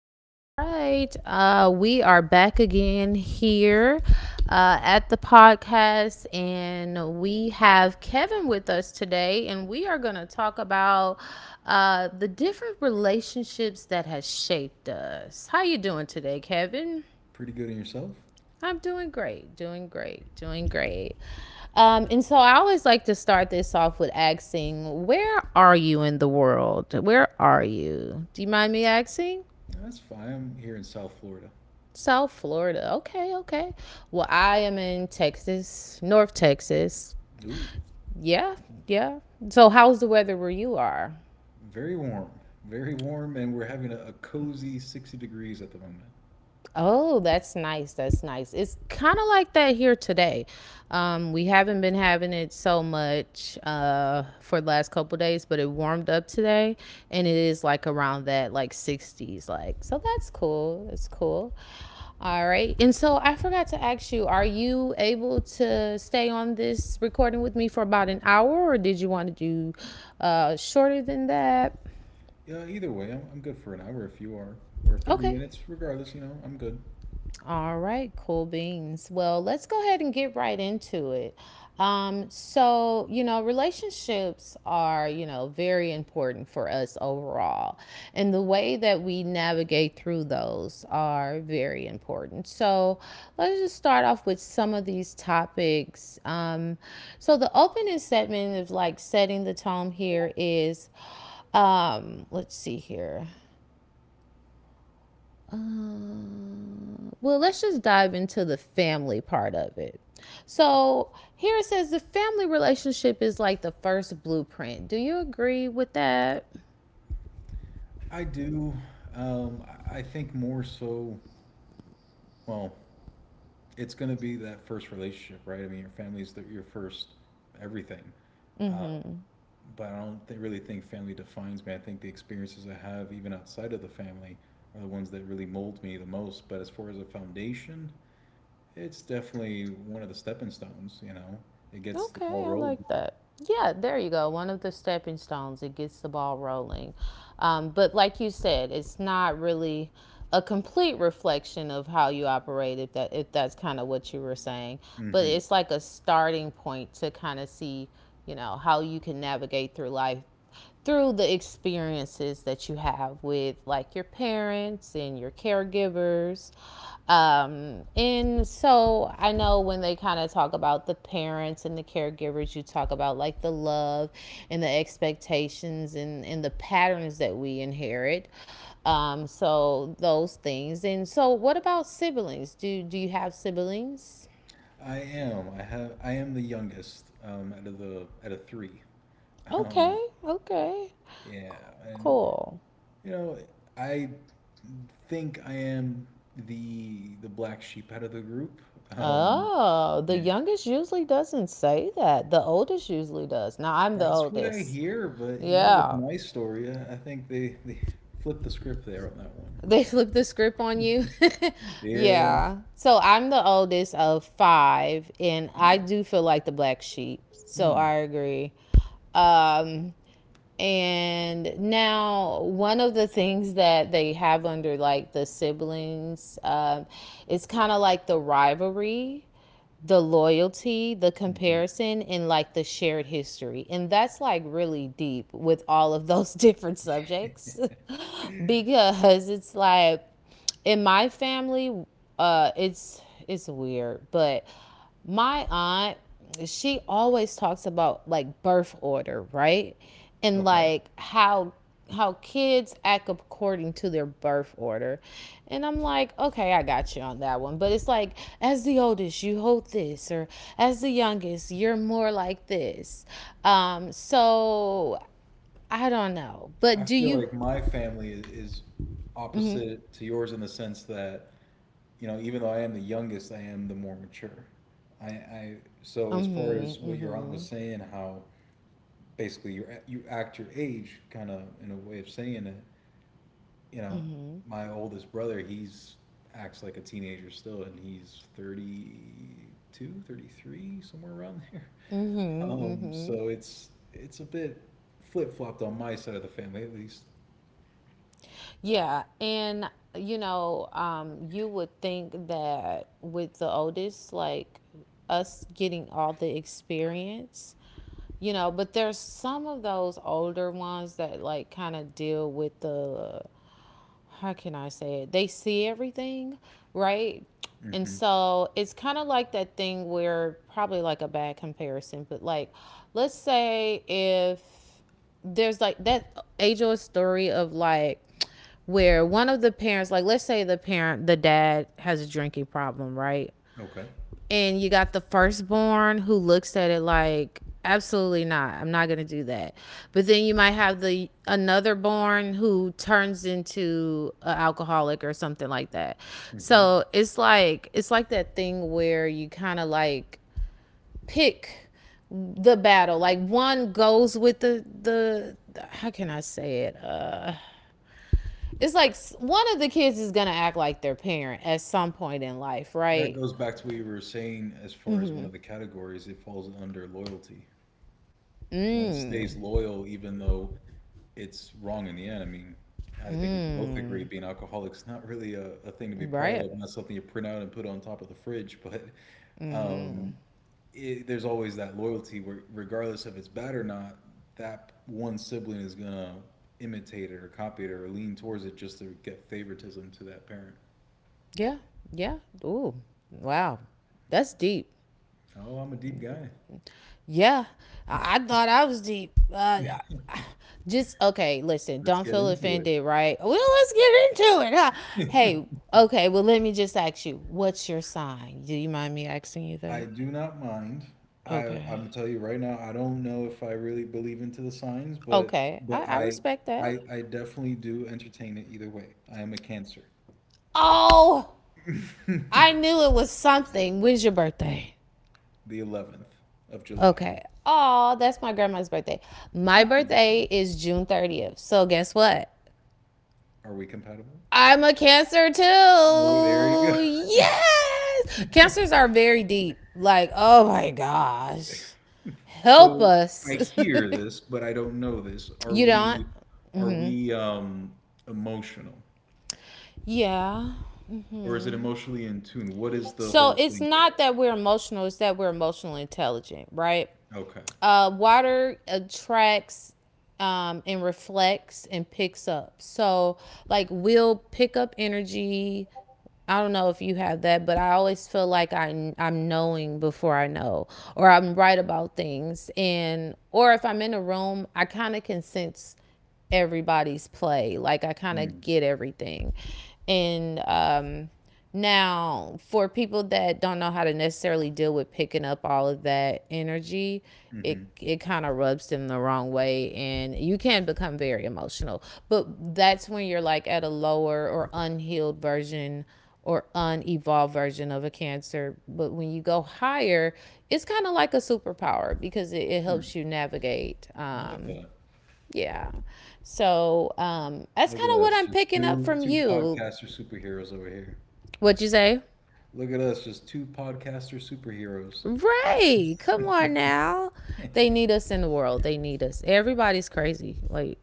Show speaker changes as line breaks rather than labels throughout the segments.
right, all right. We are back again here at the podcast, and we have Kevin with us today, and we are going to talk about the different relationships that has shaped us. How you doing today, Kevin?
Pretty good in yourself?
I'm doing great, doing great, doing great. And so I always like to start this off with asking, where are you in the world? Where are you? Do you mind me asking?
That's fine. I'm here in South Florida.
South Florida. Okay, okay. Well, I am in Texas, North Texas.
Ooh,
Yeah, yeah. So, how's the weather where you are?
very warm. Very warm, and we're having a cozy 60 degrees at the moment.
Oh, that's nice. That's nice. It's kind of like that here today. We haven't been having it so much for the last couple days, but it warmed up today, and it is like around that like 60s. Like, so that's cool. That's cool. All right. And so I forgot to ask you: are you able to stay on this recording with me for about an hour, or did you want to do shorter than that?
Yeah, either way, I'm good for an hour if you are, or 30
Okay.
minutes, regardless, you know, I'm good.
All right, cool beans. Well, let's go ahead and get right into it. So, you know, relationships are, you know, very important for us overall. And the way that we navigate through those are very important. So, let's just start off with some of these topics. So, the opening segment of like setting the tone here is let's see here. Uh, well, let's just dive into the family part of it. So here it says the family relationship is like the first blueprint. Do you agree with that?
I do. Um, I think more so, well, it's going to be that first relationship, right? I mean, your your first everything. But I don't really think family defines me. I think the experiences I have, even outside of the family, are the ones that really mold me the most. But as far as a foundation, it's definitely one of the stepping stones. You know, it gets the
Okay,
ball
I
rolling.
like that. Yeah, there you go. One of the stepping stones. It gets the ball rolling. But like you said, it's not really a complete reflection of how you operate, if that's kind of what you were saying, but
Hmm.
it's like a starting point to kind of see, you know, how you can navigate through life through the experiences that you have with like your parents and your caregivers. And so I know when they kind of talk about the parents and the caregivers, you talk about like the love and the expectations and the patterns that we inherit. So those things. And so what about siblings, do you have siblings?
I am. I have. I am the youngest out of three.
Okay,
Um,
okay,
yeah, and
cool.
you know, I think I am the black sheep out of the group. Um,
Oh, the
yeah.
youngest usually doesn't say that. The oldest usually does. Now I'm the
That's what I
oldest.
hear, but you know, with
Yeah.
my story, I think they flipped the script there on that one.
They flip the script on you.
Yeah.
Yeah. So I'm the oldest of five, and I
Oh,
do feel like the black sheep. So I
hmm.
agree. Um, and now one of the things that they have under like the siblings, is kind of like the rivalry, the loyalty, the
Mhm.
comparison, and like the shared history. And that's like really deep with all of those different subjects because it's like in my family, it's weird, but my aunt, she always talks about like birth order, right? And
Okay.
like how kids act according to their birth order. And I'm like, okay, I got you on that one. But it's like, as the oldest, you hold this, or as the youngest, you're more like this. So I don't know. But
I
do
feel
you?
like my family is
Mm-hmm,
opposite to yours in the sense that, you know, even though I am the youngest, I am the more mature. I so as far
mm-hmm,
as what your aunt was
mm-hmm,
saying, how basically you act your age, kind of in a way of saying it, you know,
mm-hmm.
my oldest brother, he's acts like a teenager still, and he's 32, 33, somewhere around there.
Mm-hmm, mm-hmm.
So it's a bit flip-flopped on my side of the family, at least.
Yeah, and you know, you would think that with the oldest, like us getting all the experience, you know, but there's some of those older ones that like kind of deal with the, how can I say it? They see everything, right? And
Hmm.
so it's kind of like that thing where probably like a bad comparison, but like, let's say if there's like that age old story of like where one of the parents, like let's say the parent, the dad has a drinking problem, right?
Okay.
And you got the firstborn who looks at it like, absolutely not. I'm not gonna do that. But then you might have the another born who turns into an alcoholic or something like that.
Hmm.
So it's like that thing where you kind of like pick the battle. Like one goes with the the how can I say it? It's like one of the kids is gonna act like their parent at some point in life,
That
right?
goes back to what you were saying. As far as one of the categories, it falls under loyalty. One
Mm.
stays loyal even though it's wrong in the end. I mean, I think we could both
Mm.
agree being alcoholic's not really a thing to be proud
Right.
of, not something you print out and put on top of the fridge. But um, there's always that loyalty where, regardless if it's bad or not, that one sibling is gonna imitate it or copy it or lean towards it just to get favoritism to that parent.
Yeah, yeah. Ooh, wow, that's deep.
Oh, I'm a deep guy.
Yeah, I thought I was deep. Just okay, listen,
Let's
don't
get
feel
into
offended, right? Well, let's get into it, huh?
it.
Hey, okay, well, let me just ask you, what's your sign? Do you mind me asking you
I
that?
do not mind. I'm
Okay.
gonna tell you right now, I don't know if I really believe into the signs, but
Okay, I,
but
I respect that.
I definitely do entertain it either way. I am a Cancer.
Oh, I knew it was something. When's your birthday?
The 11th of July.
Okay. Oh, that's my grandma's birthday. My
Oh.
birthday is June 30th. So guess what?
Are we compatible?
I'm a cancer
Well, there you go.
too. Yes. Cancers are very deep. Like, oh my gosh. Help
So I
us.
hear this, but I don't know this.
You don't?
Are we emotional?
Yeah.
Or is it emotionally in tune? What is the
So
whole
it's
thing with
not
it?
that we're emotional, it's that we're emotionally intelligent, right?
Okay.
Water attracts and reflects and picks up. So, like, we'll pick up energy. I don't know if you have that, but I always feel like I'm knowing before I know, or I'm right about things. And, or if I'm in a room, I kind of can sense everybody's play. Like I kind
Hmm.
of get everything. And now for people that don't know how to necessarily deal with picking up all of that energy, it
Mm-hmm.
it kind of rubs them the wrong way and you can become very emotional. But that's when you're like at a lower or unhealed version or unevolved version of a cancer. But when you go higher, it's kind of like a superpower because it
Hmm.
helps you navigate.
I like that.
Yeah. So that's
Look
kind
at
of what
us,
I'm
just
picking up
two
from
two
you.
podcaster superheroes over here.
What'd you say?
Look at us, just two podcaster superheroes.
Ray, come on now. They need us in the world. They need us. Everybody's crazy. Like,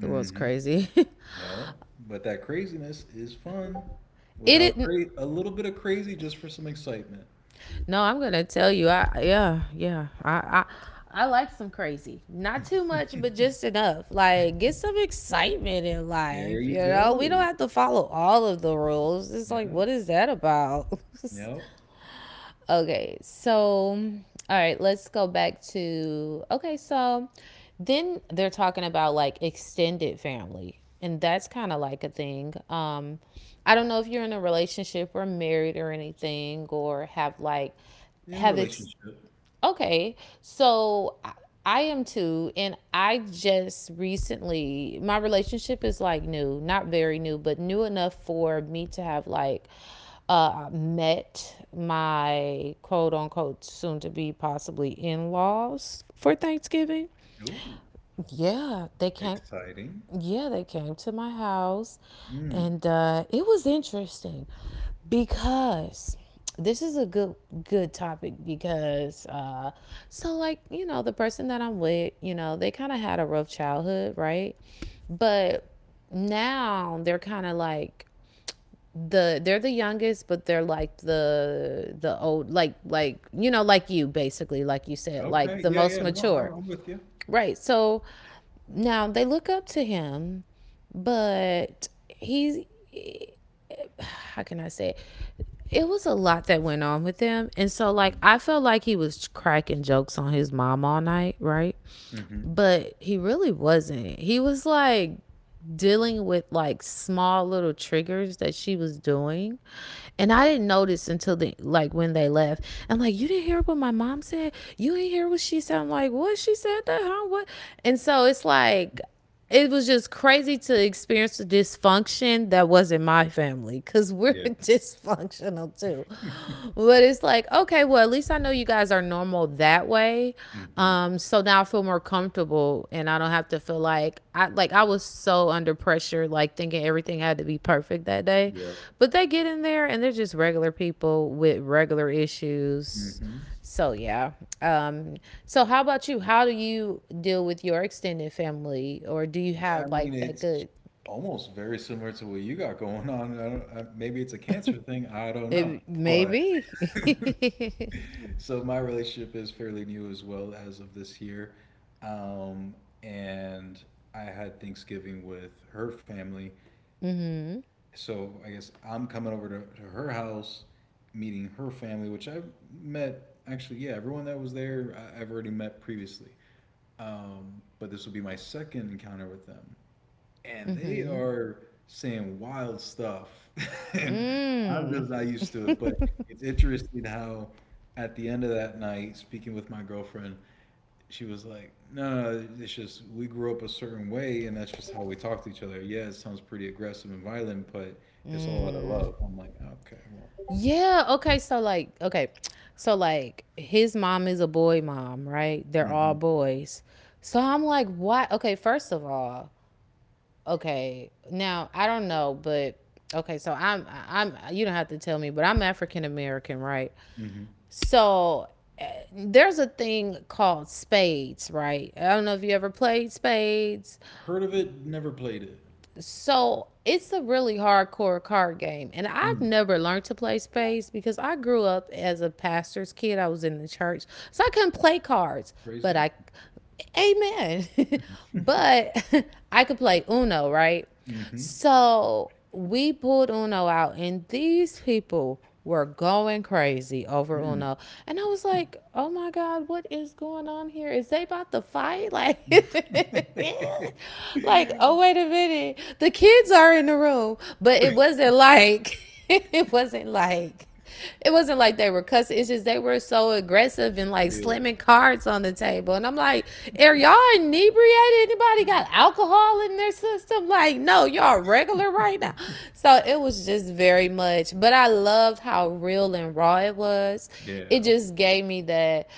the world's crazy.
No, but that craziness is fun.
It
Without
didn't.
a little bit of crazy, just for some excitement.
No, I'm gonna tell you. I, yeah, yeah. I I like some crazy. Not too much, but just enough. Like get some excitement in
There
life. You
you
know, we don't
go.
have to follow all of the rules. It's like,
Yeah.
what is that about?
Yep.
Okay, so all right, let's go back to okay, so then they're talking about like extended family. And that's kind of like a thing. I don't know if you're in a relationship or married or anything, or have like
In a
have ex-
relationship.
Okay, so I am too, and I just recently my relationship is like new, not very new, but new enough for me to have like met my quote unquote soon to be possibly in laws for Thanksgiving.
Ooh,
Yeah, they came,
exciting.
yeah, they came to my house,
Mm.
and it was interesting because this is a good topic because so like you know the person that I'm with, you know they kind of had a rough childhood, right? But now they're kind of like they're the youngest but they're like the old like, you know, like you basically like you said, like
Okay.
the
Yeah. Yeah.
most
No, I'm,
mature,
I'm with you.
right? So now they look up to him, but he's, how can I say it? It was a lot that went on with him. And so like I felt like he was cracking jokes on his mom all night, right?
Mm-hmm.
But he really wasn't. He was like dealing with like small little triggers that she was doing, and I didn't notice until the, like when they left, and like you didn't hear what my mom said, you didn't hear what she said, I'm like, what, she said that, huh? What? And so it's like it was just crazy to experience the dysfunction that was in my family because we're
Yeah.
dysfunctional too, but it's like, okay, well, at least I know you guys are normal that way.
Mm-hmm.
So now I feel more comfortable and I don't have to feel like I, like I was so under pressure, like thinking everything had to be perfect that day.
Yep.
But they get in there and they're just regular people with regular issues.
Mm-hmm.
So yeah. Um, so how about you? How do you deal with your extended family, or do you
I
have
mean,
like that
it's
good,
almost very similar to what you got going on. I don't, maybe it's a cancer thing. I don't know.
it,
But
maybe.
so my relationship is fairly new as well as of this year. Um, and I had Thanksgiving with her family.
Mhm.
So I guess I'm coming over to her house, meeting her family, which I've met. Actually, yeah, everyone that was there, I've already met previously. But this will be my second encounter with them. And they
Mhm.
are saying wild stuff and I'm
Mm.
just not used to it. But it's interesting how at the end of that night, speaking with my girlfriend, she was like, "No, no, it's just we grew up a certain way and that's just how we talk to each other. Yeah, it sounds pretty aggressive and violent, but it's all out of love."
Mm.
I'm like, okay, well,
Yeah. Okay. So like, okay. So like, his mom is a boy mom, right? They're all
hmm.
boys. So I'm like, why? Okay. First of all, okay. Now I don't know, but okay. So I'm. You don't have to tell me, but I'm African American, right?
Hmm.
So there's a thing called spades, right? I don't know if you ever played spades.
Heard of it, never played it.
So it's a really hardcore card game. And I've
Mm,
never learned to play spades because I grew up as a pastor's kid. I was in the church. So I couldn't play cards.
praise
But
god.
I, amen. But I could play Uno, right?
Hmm.
So we pulled Uno out, and these people were going crazy over
Mm.
Uno. And I was like, oh my God, what is going on here? Is they about to fight? Like, like,
yeah,
oh wait a minute. The kids are in the room. But it wasn't like it wasn't like it wasn't like they were cussing. It's just they were so aggressive and like slamming cards on the table. And I'm like, are y'all inebriated? Anybody got alcohol in their system? Like, no, y'all regular right now. So it was just very much, but I loved how real and raw it was. It
yeah.
just gave me that,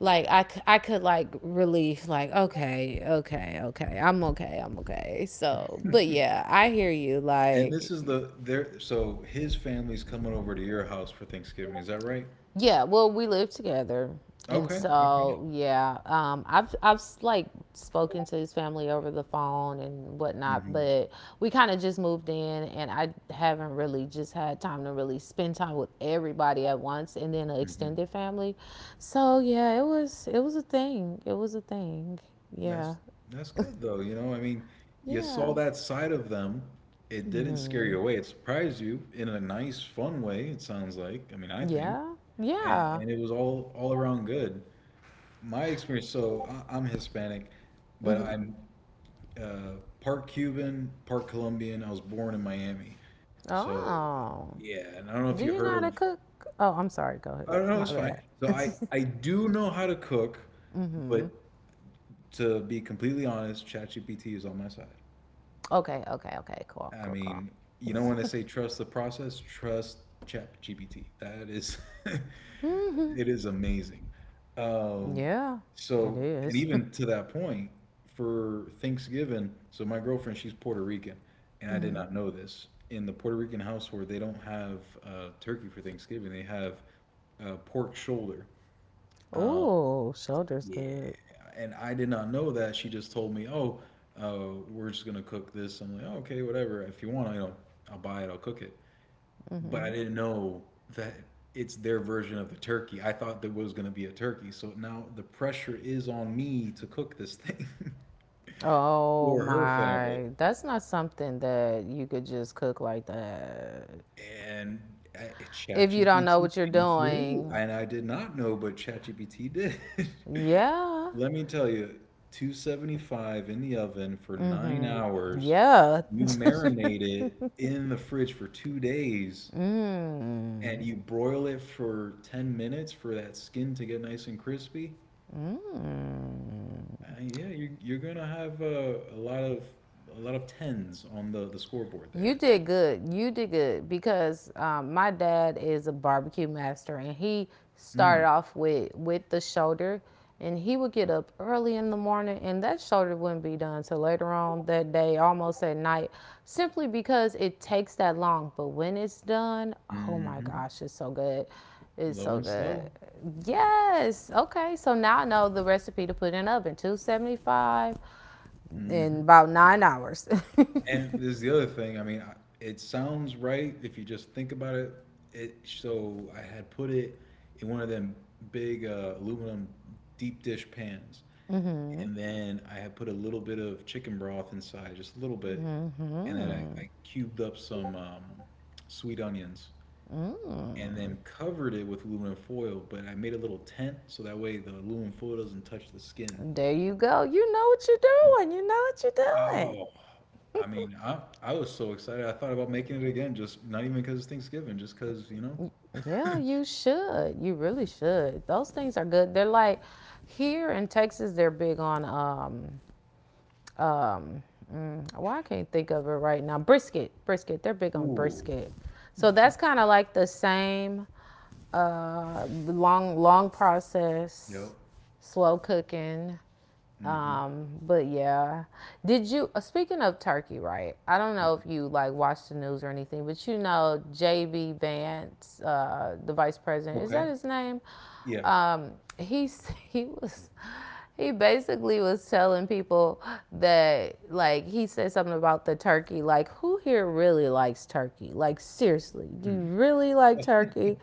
like, I could, like, relief, like, okay, okay, okay, I'm okay, I'm okay. So but
And
yeah, I hear you,
this
like.
is the there. So his family's coming over to your house for Thanksgiving, is that right?
Yeah, well, we live together. And
Okay. Okay.
so, yeah, I've like spoken to his family over the phone and whatnot,
Hmm.
but we kind of just moved in, and I haven't really just had time to really spend time with everybody at once, and then an
Hmm.
extended family. So yeah, it was a thing. It was a thing. Yeah,
That's good though. You know, I mean, you
yeah,
saw that side of them. It didn't scare you away. It surprised you in a nice, fun way, it sounds like. I mean, I think,
yeah, yeah.
and it was all around good. My experience. So I'm Hispanic, but
hmm
I'm uh, part Cuban, part Colombian. I was born in Miami, so
Oh,
yeah. And I don't know if you
do you
heard
know how to
of.
cook? Oh, I'm sorry. Go
I
ahead.
don't know.
My
It's
bad.
fine. So I do know how to cook,
hmm
but to be completely honest, ChatGPT is on my side.
Okay, okay, okay. Cool,
I
cool, cool.
mean, you know when they say trust the process, trust ChatGPT. That is,
Mm-hmm.
it is amazing. Um,
Yeah, it
so, and
is.
even to that point, for Thanksgiving, so my girlfriend, she's Puerto Rican, and I did not know this. In the Puerto Rican household, they don't have turkey for Thanksgiving. They have pork shoulder.
Ooh, shoulders
Yeah,
good.
and I did not know that. She just told me, "Oh, we're just gonna cook this." I'm like, oh, "Okay, whatever. If you want, I don't. I'll buy it. I'll cook it." But I
Mm-hmm.
didn't know that it's their version of the turkey. I thought there was gonna be a turkey, so now the pressure is on me to cook this thing
Oh
for her family.
my, that's not something that you could just cook like that.
And I,
If you don't know
ChatGPT
what you're
came through,
doing,
and I did not know, but ChatGPT did.
yeah.
Let me tell you, 275 in the oven for nine
Mm-hmm.
hours.
Yeah.
You marinate it in the fridge for 2 days and
mm.
you broil it for 10 minutes for that skin to get nice and crispy.
Mm.
Yeah, you're gonna have a lot of tens on the scoreboard
You
there.
did good. You did good because my dad is a barbecue master, and he started
Mm.
off with the shoulder, and he would get up early in the morning, and that shoulder wouldn't be done till later on that day, almost at night, simply because it takes that long. But when it's done, oh my
Hmm.
gosh, it's so good. It's
Low
so
and
good.
slow.
Yes. Okay. So now I know the recipe to put in the oven 275
Mm-hmm.
in about 9 hours.
And there's the other thing. I mean, I, it sounds right if you just think about it. It so I had put it in one of them big aluminum deep dish pans,
Mm-hmm.
and then I had put a little bit of chicken broth inside, just a little bit, and then
Mm-hmm.
I cubed up some sweet onions, and
Mm.
then covered it with aluminum foil. But I made a little tent so that way the aluminum foil doesn't touch the skin.
There you go. You know what you're doing. You know what you're doing.
Oh, I mean, I was so excited. I thought about making it again, just not even because it's Thanksgiving, just because, you know.
Yeah, you should. You really should. Those things are good. They're like here in Texas, they're big on um why I can't think of it right now. Brisket, brisket. They're big on
Ooh.
brisket. So that's kind of like the same long, long
Yep.
process, slow cooking.
Mm-hmm.
But yeah, did you? Speaking of Turkey, right? I don't know if you like watch the news or anything, but you know JB Vance, the vice president, is that
Okay.
his name?
Yeah.
Um, he's he was. He basically was telling people that, like, he said something about the turkey. Like, who here really likes turkey? Like, seriously, do you
Mm.
really like
But,
turkey?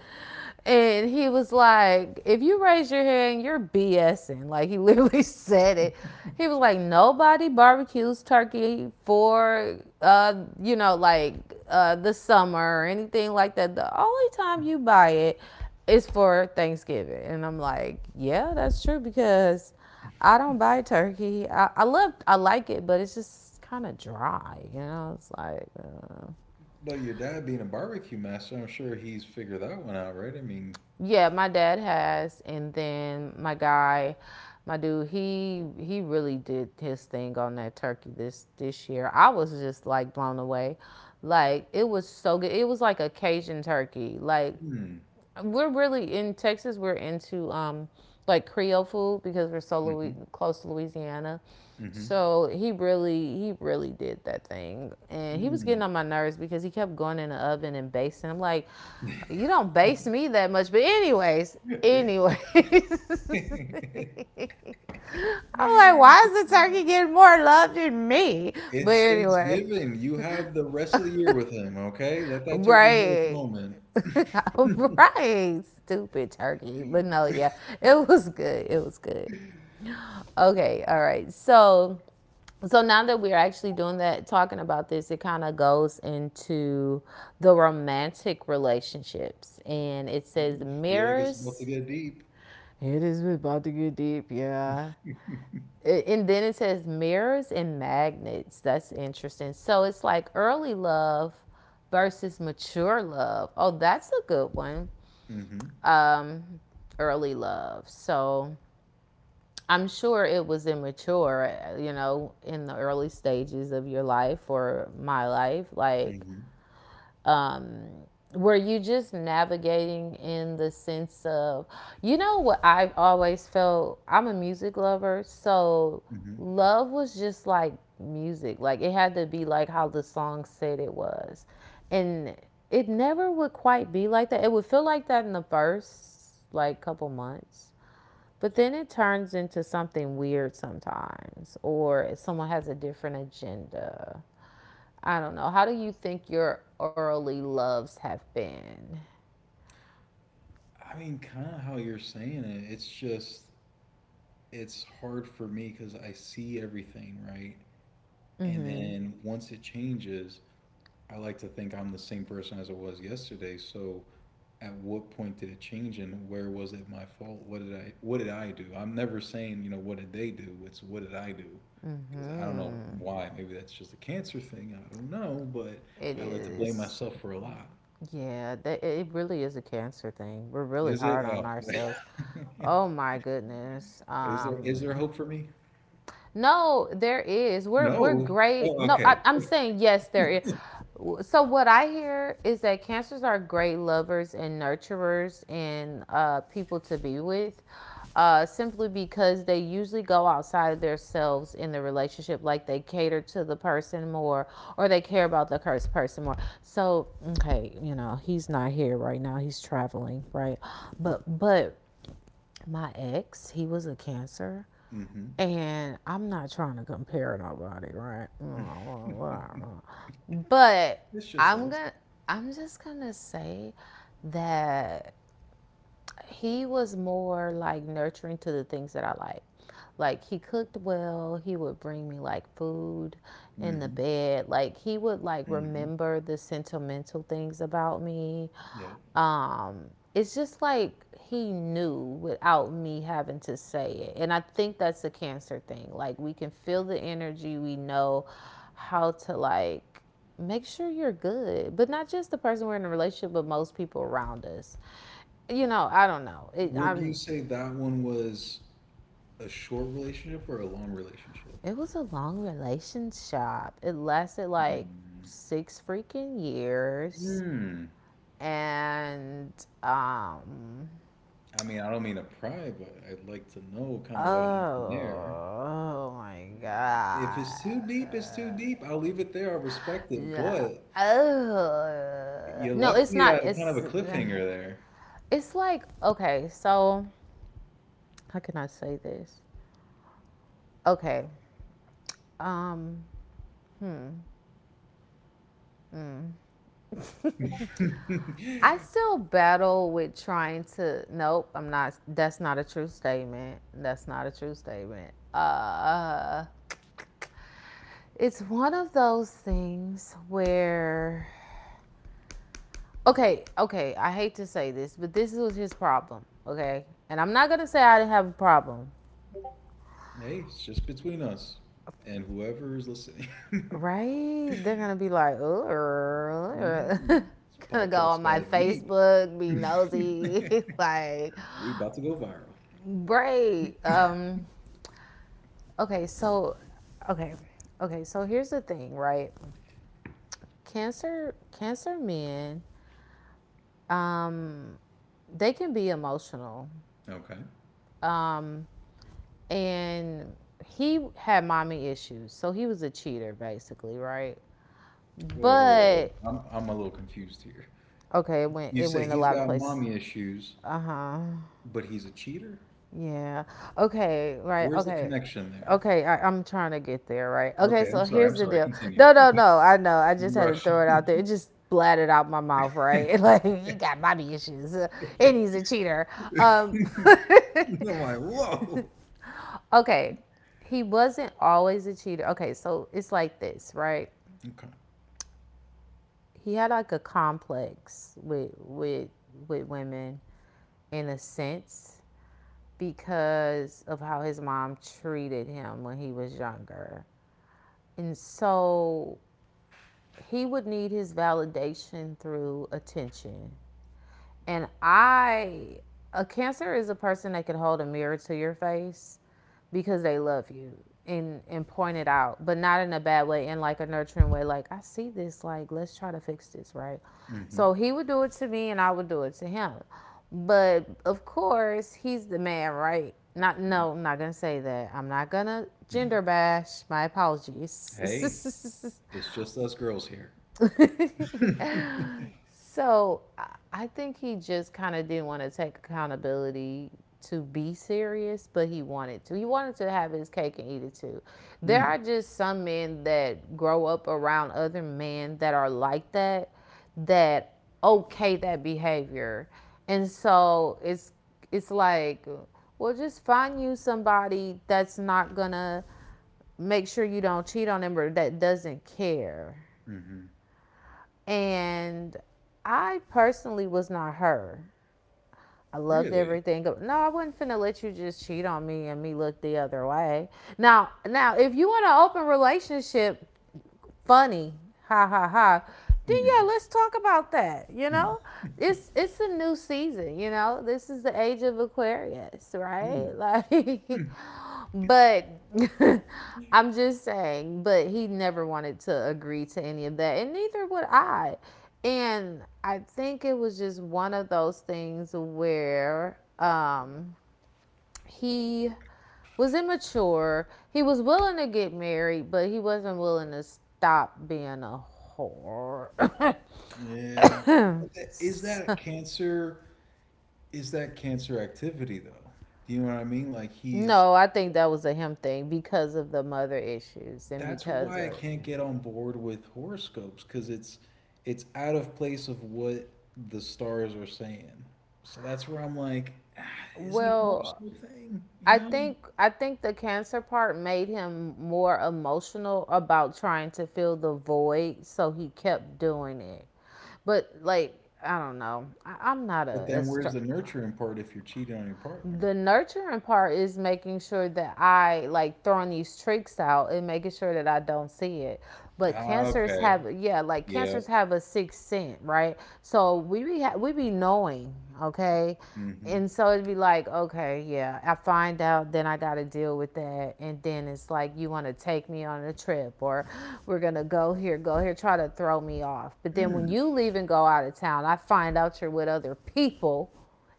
And he was like, if you raise your hand, you're BSing. Like he literally said it. He was like, nobody barbecues turkey for, like the summer or anything like that. The only time you buy it is for Thanksgiving. And I'm like, yeah, that's true because I don't buy turkey. I I like it, but it's just kind of dry. You know, it's like,
but your dad being a barbecue master, I'm sure he's figured that one out, right? I mean,
Yeah, my dad has, and then my guy, my dude, he really did his thing on that turkey this year. I was just like blown away, like it was so good. It was like a Cajun turkey, like
mm,
we're really in Texas. We're into like Creole food because we're so
hmm.
close to Louisiana.
Hmm.
So he really did that thing, and he was getting
Mm.
on my nerves because he kept going in the oven and basting. I'm like, you don't baste me that much. But anyways,
Dang.
anyways, I'm like, why is the turkey getting more love than me? But
It's
anyway.
Thanksgiving. You have the rest of the year with him, okay? Let that turkey have its
Right.
moment.
right. Stupid turkey. But no, yeah. It was good. It was good. Okay, all right. So now that we're actually doing that talking about this, it kind of goes into the romantic relationships and it says
Feel like it's about to
mirrors.
get deep.
It is about to get deep, yeah. And then it says mirrors and magnets. That's interesting. So it's like early love versus mature love. Oh, that's a good one.
Mm-hmm.
um, Early love. So I'm sure it was immature, you know, in the early stages of your life or my life. Like,
Mm-hmm.
um, were you just navigating in the sense of, you know what, I always felt, I'm a music lover, so
Mm-hmm.
love was just like music. Like, it had to be like how the song said it was. And it never would quite be like that. It would feel like that in the first, like, couple months, but then it turns into something weird sometimes, or someone has a different agenda. I don't know. How do you think your early loves have been?
I mean, kind of how you're saying it. It's just, it's hard for me because I see everything, right?
Mm.
And
Mhm.
then once it changes, I like to think I'm the same person as I was yesterday. So at what point did it change and where was it my fault? What did I do? I'm never saying, you know, what did they do? It's what did I do?
Mm.
Because I don't know
Mhm.
why. Maybe that's just a cancer thing. I don't know, but
It
I like to blame
is.
myself for a lot.
Yeah, that it really is a cancer thing. We're really
Is it?
hard
Oh.
on ourselves. Oh my goodness.
Is there hope for me?
No, there is. We're
No.
great.
Oh,
No,
okay.
I'm saying yes, there is. So what I hear is that cancers are great lovers and nurturers and people to be with, simply because they usually go outside of themselves in the relationship. Like they cater to the person more, or they care about the cursed person more. So okay, you know he's not here right now. He's traveling, right? But my ex, he was a cancer
Hmm.
and I'm not trying to compare nobody, right? But
It's just
I'm
us.
gonna I'm just gonna say that he was more like nurturing to the things that I like. Like he cooked well, he would bring me like food in the
Hmm.
bed. Like he would like
Hmm.
remember the sentimental things about me.
Yeah.
Um it's just like he knew without me having to say it. And I think that's a cancer thing. Like we can feel the energy, we know how to like make sure you're good, but not just the person we're in a relationship, but most people around us. You know, I don't know. It,
Would you
I'm.
say that one was a short relationship or a long relationship?
It was a long relationship. It lasted
Mm.
like 6 freaking years,
Hmm.
and um
I mean, I don't mean to pry, but I'd like to know kind of what happened
oh,
there.
oh my
If
God.
it's too deep, it's too deep. I'll leave it there. I'll respect it.
Yeah,
But
oh
you
no,
left
it's
me
not,
at kind of
it's
a cliffhanger
it's like, okay, so how can I say this? Okay. Um,
there.
I still battle with trying to. Nope, I'm not. That's not a true statement. That's not a true statement. It's one of those things where. Okay, okay. I hate to say this, but this was his problem. Okay, and I'm not gonna say I didn't have a problem.
Hey, it's just between us and whoever is listening.
Right? They're gonna be like, oh,
Mm, this
gonna go
podcast
on my
got deep.
Facebook, be nosy, like,
We about to go viral.
great. Okay, so okay. Okay, so here's the thing, right? Cancer men, um, they can be emotional.
Okay.
Um, and he had mommy issues, so he was a cheater basically, right?
Well, hold
But
on. I'm a little confused here.
okay, it went
You
it
say
went a
he's
lot of
got
places.
mommy issues,
Uh huh.
but he's a cheater?
Yeah. Okay. Right.
Where's the
Okay.
connection there?
Okay. I'm trying to get there. Right. Okay.
Okay, I'm
So
sorry.
here's
I'm
the
sorry.
deal.
Continue.
No, no, no. I know. I just
I'm
had to
rushing.
throw it out there. It just splattered out my mouth. Right.
I'm
Like you got mommy issues, and he's a cheater. Um.
like, whoa.
Okay. He wasn't always a cheater. Okay. So it's like this, right?
Okay.
He had like a complex with women in a sense because of how his mom treated him when he was younger. And so he would need his validation through attention. And I, a cancer is a person that can hold a mirror to your face because they love you and point it out, but not in a bad way, in like a nurturing way. Like I see this, like let's try to fix this, right?
Hmm.
So he would do it to me, and I would do it to him. But of course, he's the man, right? Not no, I'm not gonna say that. I'm not gonna gender bash. My
Hey,
apologies.
it's just us girls here.
So I think he just kind of didn't want to take accountability to be serious, but he wanted to. He wanted to have his cake and eat it too. There are
Mm.
just some men that grow up around other men that are like that, that okay that behavior. And so it's like, well, just find you somebody that's not gonna make sure you don't cheat on them or that doesn't care.
Mhm.
And I personally was not her. I loved
Really?
everything. No, I wasn't finna let you just cheat on me and me look the other way. Now, now, if you in an open relationship, funny. Ha ha ha. Then
Mm.
yeah, let's talk about that. You
Mm.
know, it's a new season. You know, this is the age of Aquarius, right?
Mm.
Like,
Mm.
but I'm just saying. But he never wanted to agree to any of that, and neither would I. And I think it was just one of those things where he was immature. He was willing to get married, but he wasn't willing to stop being a whore.
Yeah. But that, is that
So-
cancer? Is that cancer activity though? Do you know what I mean? Like he's
no, I think that was a him thing because of the mother issues and
that's
because
why I
of
can't get on board with horoscopes because it's out of place of what the stars are saying. So that's where I'm like, "Ah, is it a
well,
horoscope thing? You
I
know?"
think the cancer part made him more emotional about trying to fill the void, so he kept doing it. But like I don't know, I'm not
But
a
then where's
astro-
the nurturing part if you're cheating on your partner?
the nurturing part is making sure that I like throwing these tricks out and making sure that I don't see it. But
Ah,
cancers
okay.
have yeah, like
Yeah.
cancers have a sixth sense, right? So we be knowing, okay?
Mm-hmm.
And so it'd be like, okay, yeah, I find out, then I got to deal with that. And then it's like, you want to take me on a trip, or we're going to go here, try to throw me off. But then when
Mm.
you leave and go out of town, I find out you're with other people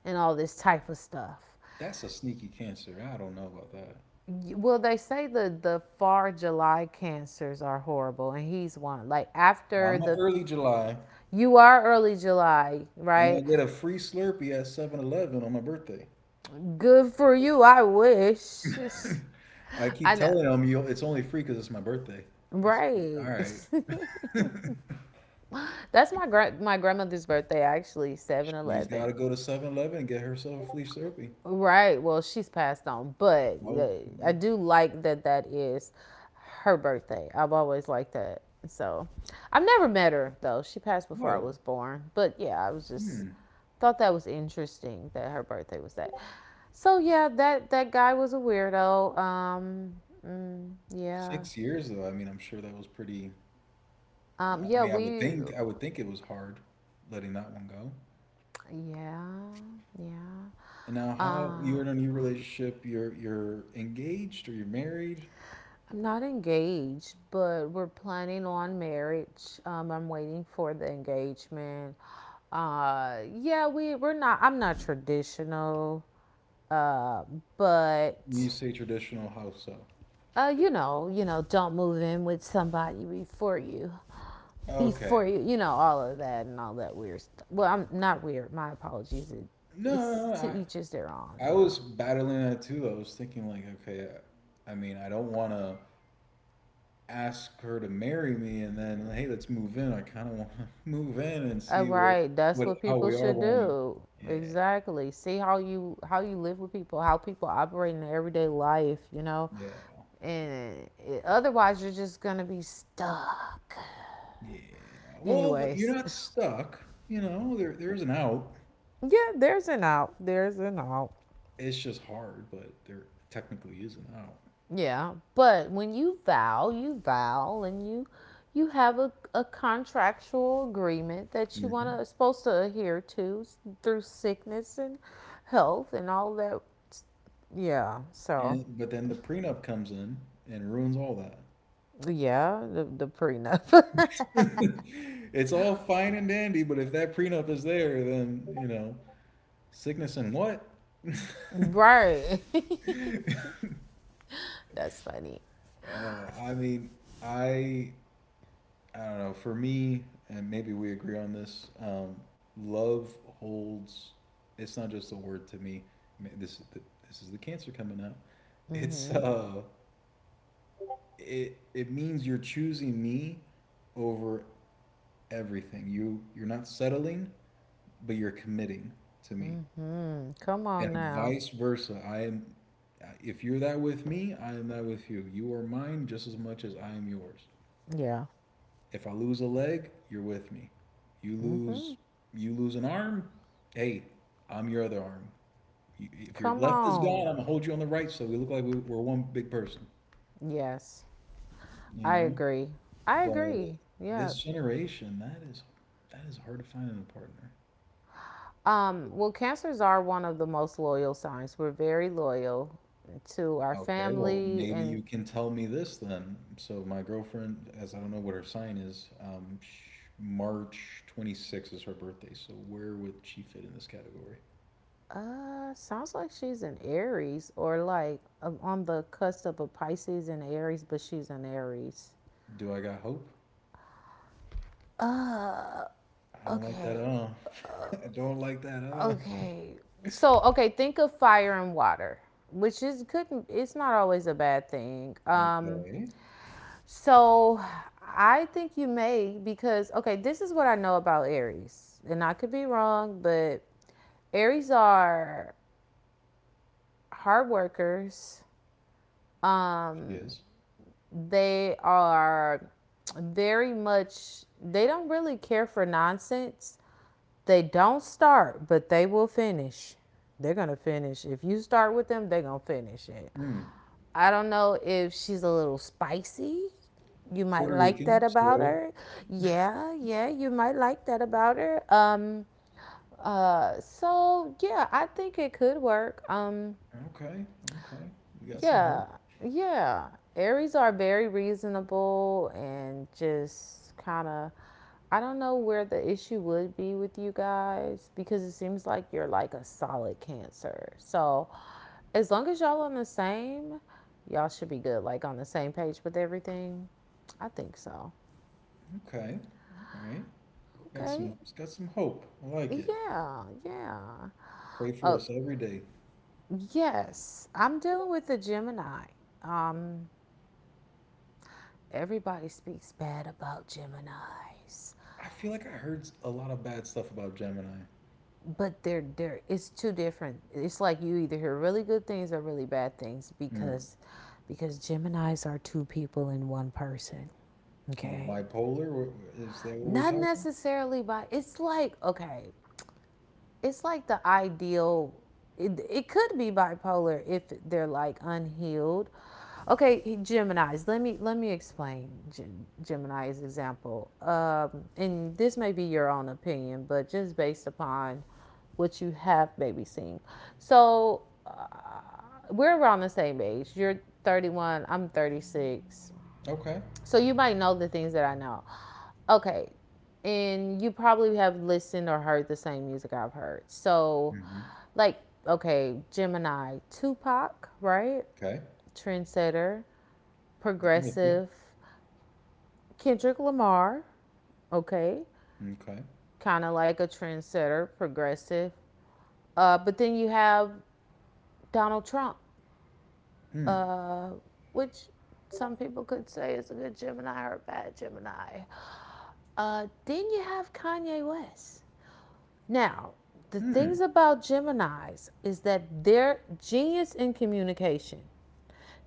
and all this type of stuff.
That's a sneaky cancer. I don't know about that.
Well, they say the far July cancers are horrible, and he's one. Like
Well, I'm a early July,
you are early July,
and I
right?
get a free Slurpee at 7-Eleven on my birthday.
Good for you. I wish.
I keep
I know,
telling them, you it's only free because it's my birthday. They say, all
right?
right,
That's my my grandmother's birthday actually, seven
she's got
eleven.
to go to 7-Eleven and get herself a free Slurpee.
Right. Well, she's passed on, but
Oh,
I do like that that is her birthday. I've always liked that. So I've never met her though. She passed before I
whoa,
was born. But yeah, I was just
hmm.
thought that was interesting that her birthday was that. So yeah, that that guy was a weirdo. Yeah,
6 years though. I mean, I'm sure that was pretty. I
yeah,
mean, I would think it was hard letting that one go.
yeah, yeah.
And now, how
Uh,
you're in a new relationship? You're engaged or you're married?
I'm not engaged, but we're planning on marriage. I'm waiting for the engagement. Yeah, we're not. I'm not traditional, uh,
You
but
say traditional Hausa.
don't move in with somebody
Okay.
before you, all of that and all that weird stuff. Well, I'm not weird. My apologies.
No, no,
It's
no.
to each is their own,
I
you know.
was battling that too. I was thinking like, okay, I mean, I don't want to ask her to marry me and then, hey, let's move in. I kind of want to move in and see
Right, that's
what,
what
how
people
we are
should
when we.
do.
Yeah,
Exactly. See how you live with people, how people operate in their everyday life, you know.
yeah,
And it, otherwise, you're just gonna be stuck.
yeah. Well, you're
Anyways,
not stuck. You know, there is an out.
yeah, there's an out. There's an out.
It's just hard, but there technically is an out.
Yeah, but when you vow, and you have a contractual agreement that you want
Hmm
to supposed to adhere to through sickness and health and all that s- yeah, so
And but then the prenup comes in and ruins all that.
Yeah, the prenup.
It's all fine and dandy, but if that prenup is there, then, you know, sickness and what?
Right. That's funny.
I mean, I I don't know. For me, and maybe we agree on this, love holds. It's not just a word to me. This is this is the cancer coming out. It's
Mm-hmm.
it it means you're choosing me over everything. You're not settling, but you're committing to me.
Mm-hmm. Come
And
on now.
vice versa. I am, if you're that with me, I am that with you. You are mine just as much as I am yours.
Yeah.
If I lose a leg, you're with me. You
Mm-hmm.
lose, you lose an arm. Hey, I'm your other arm. If your
Come
left is gone,
on.
I'm gonna hold you on the right, so we look like we're one big person.
Yes.
You
I
know.
agree. I
But
agree. Yeah.
this generation, that is hard to find in a partner.
Well, cancers are one of the most loyal signs. We're very loyal to our
Okay, well,
family
maybe
and
you can tell me this then. So my girlfriend, as I don't know what her sign is, sh March 26th is her birthday. So where would she fit in this category?
sounds like she's an Aries or like on the cusp of a Pisces and Aries, but she's an Aries.
Do I got hope? I don't like that at
Okay,
all. I don't like that at
okay. So, okay, think of fire and water, which is could it's not always a bad thing.
all. Okay,
So I think you may because okay, this is what I know about Aries. And I could be wrong, but Aries are hard workers.
she
Um
is.
they are very much They don't really care for nonsense. They don't start, but they will finish. They're gonna finish. If you start with them, they're gonna finish it.
Hmm.
I don't know if she's a little spicy. You might
Puerto
like
Rican.
that about
So
her. Yeah, yeah, you might like that about her. So yeah, I think it could work.
okay, okay, we got some hope.
Yeah, yeah. Aries are very reasonable and just kind of. I don't know where the issue would be with you guys because it seems like you're like a solid Cancer. So, as long as y'all on the same, y'all should be good. Like on the same page with everything. I think so.
Okay, all right,
Okay.
got some hope. I like it.
Yeah. Yeah.
Pray for
Oh,
us every day.
yes. I'm dealing with the Gemini. Um, Everybody speaks bad about Geminis,
I feel like I heard a lot of bad stuff about Gemini.
but they're it's two different. It's like you either hear really good things or really bad things
Mm.
because Geminis are two people in one person. Okay.
Bipolar, is that what we're
Not
talking?
necessarily by it's like okay, it's like the ideal it could be bipolar if they're like unhealed. Okay, Geminis, let me explain Geminis example, and this may be your own opinion but just based upon what you have maybe seen. So we're around the same age. You're 31, I'm 36.
Okay.
So you might know the things that I know. Okay. And you probably have listened or heard the same music I've heard. So,
hmm
like, okay, Gemini, Tupac, right?
Okay.
Trendsetter,
I'm with you.
progressive. Kendrick Lamar, okay?
Okay.
Kind of like a trendsetter, progressive. But then you have Donald Trump,
Hmm.
uh, which some people could say is a good Gemini or a bad Gemini. Then you have Kanye West. Now, the
Hmm.
things about Geminis is that they're genius in communication.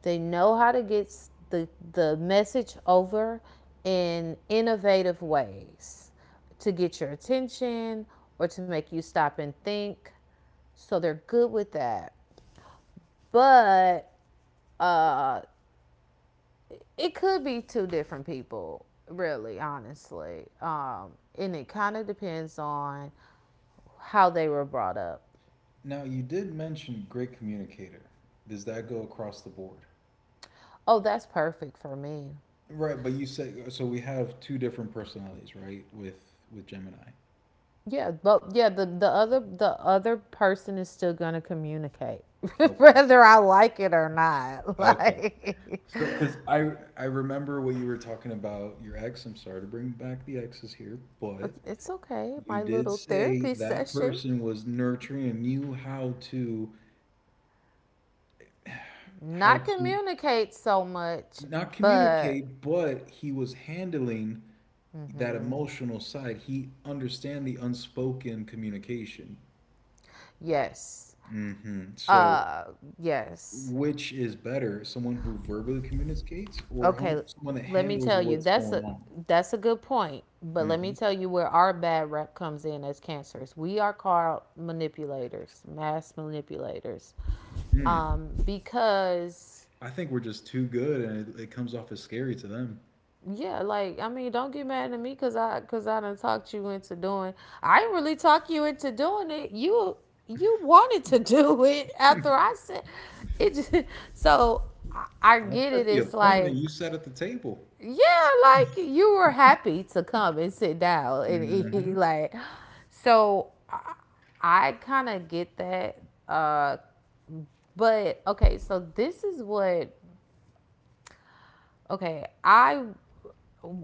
They know how to get the message over in innovative ways to get your attention or to make you stop and think. So they're good with that. But uh, it could be two different people, really, honestly. And it kind of depends on how they were brought up.
Now, you did mention great communicator. Does that go across the board?
Oh, that's perfect for me.
Right, but you said so we have two different personalities, right? With Gemini.
Yeah, but yeah, the other person is still gonna communicate,
Okay.
whether I like it or not.
Okay. So, because I remember what you were talking about your ex. I'm sorry to bring back the exes here, but
Like, it's okay.
you
My
did
little
say
therapy
that
session.
person was nurturing and knew how to how
Not
to
communicate so much,
not
but
communicate, but he was handling that emotional side. He understand the unspoken communication.
yes,
Hmm So,
uh, yes.
which is better, someone who verbally communicates or
Okay,
someone that
let me
handles
tell you.
what's
That's
going
a
on?
that's a good point. But let me
Hmm
tell you where our bad rep comes in as cancers. We are called manipulators, mass manipulators,
Mm.
because
I think we're just too good, and it comes off as scary to them.
yeah, like I mean, don't get mad at me because I done talked you into doing. I didn't really talk you into doing it. You wanted to do it after I said it. Just, so I
I'll
get
set
it.
the
It's
appointment.
like
You sat at the table.
Yeah, like you were happy to come and sit down and eat.
Hmm
Like, so I kind of get that. Uh, but okay, so this is what, okay, I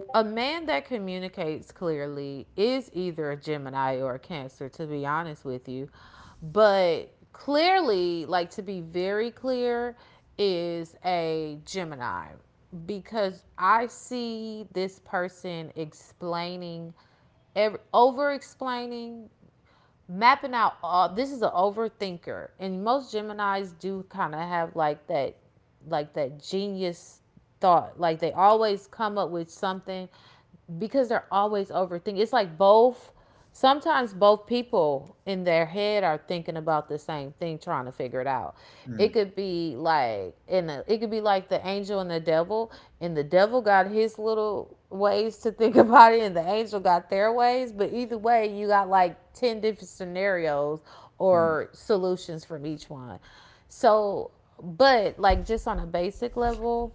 a man that communicates clearly is either a Gemini or a Cancer, to be honest with you. But clearly, like to be very clear, is a Gemini because I see this person explaining, over explaining, mapping out all this is an overthinker, and most Geminis do kind of have like that genius thought. Like they always come up with something because they're always overthinking. It's like both sometimes both people in their head are thinking about the same thing trying to figure it out. It
Mm-hmm.
could be like in a, it could be like the angel and the devil got his little ways to think about it, and the angel got their ways. But either way, you got like ten different scenarios or solutions from each one. So, but like just on a basic level,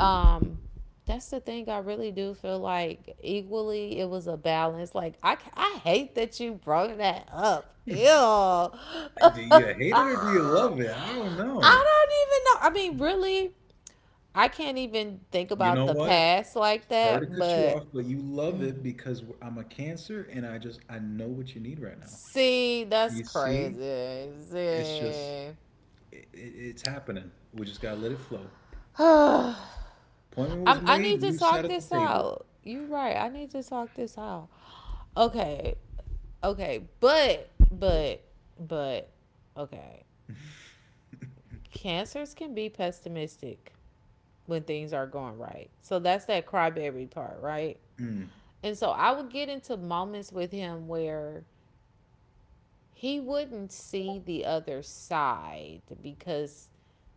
um, that's the thing. I really do feel like equally it was a balance. Like I hate that you brought that up.
Do
Ew.
you hate it or do you love it? I don't
I
know.
don't even know. I mean, really, I can't even think
You
about
know
the
what?
past like
Sorry to
that.
cut you
But
off, but you love it because I'm a Cancer and I know what you need right now.
see, that's
You see,
crazy.
it's just
See.
it's happening. We just gotta let it flow.
I'm,
Appointment was
I
made.
need to
You sat
talk
at the
this
table.
out. You're right. I need to talk this out. Okay. Okay. But, okay. Cancers can be pessimistic when things are going right. So that's that crybaby part, right?
Mm,
And so I would get into moments with him where he wouldn't see the other side because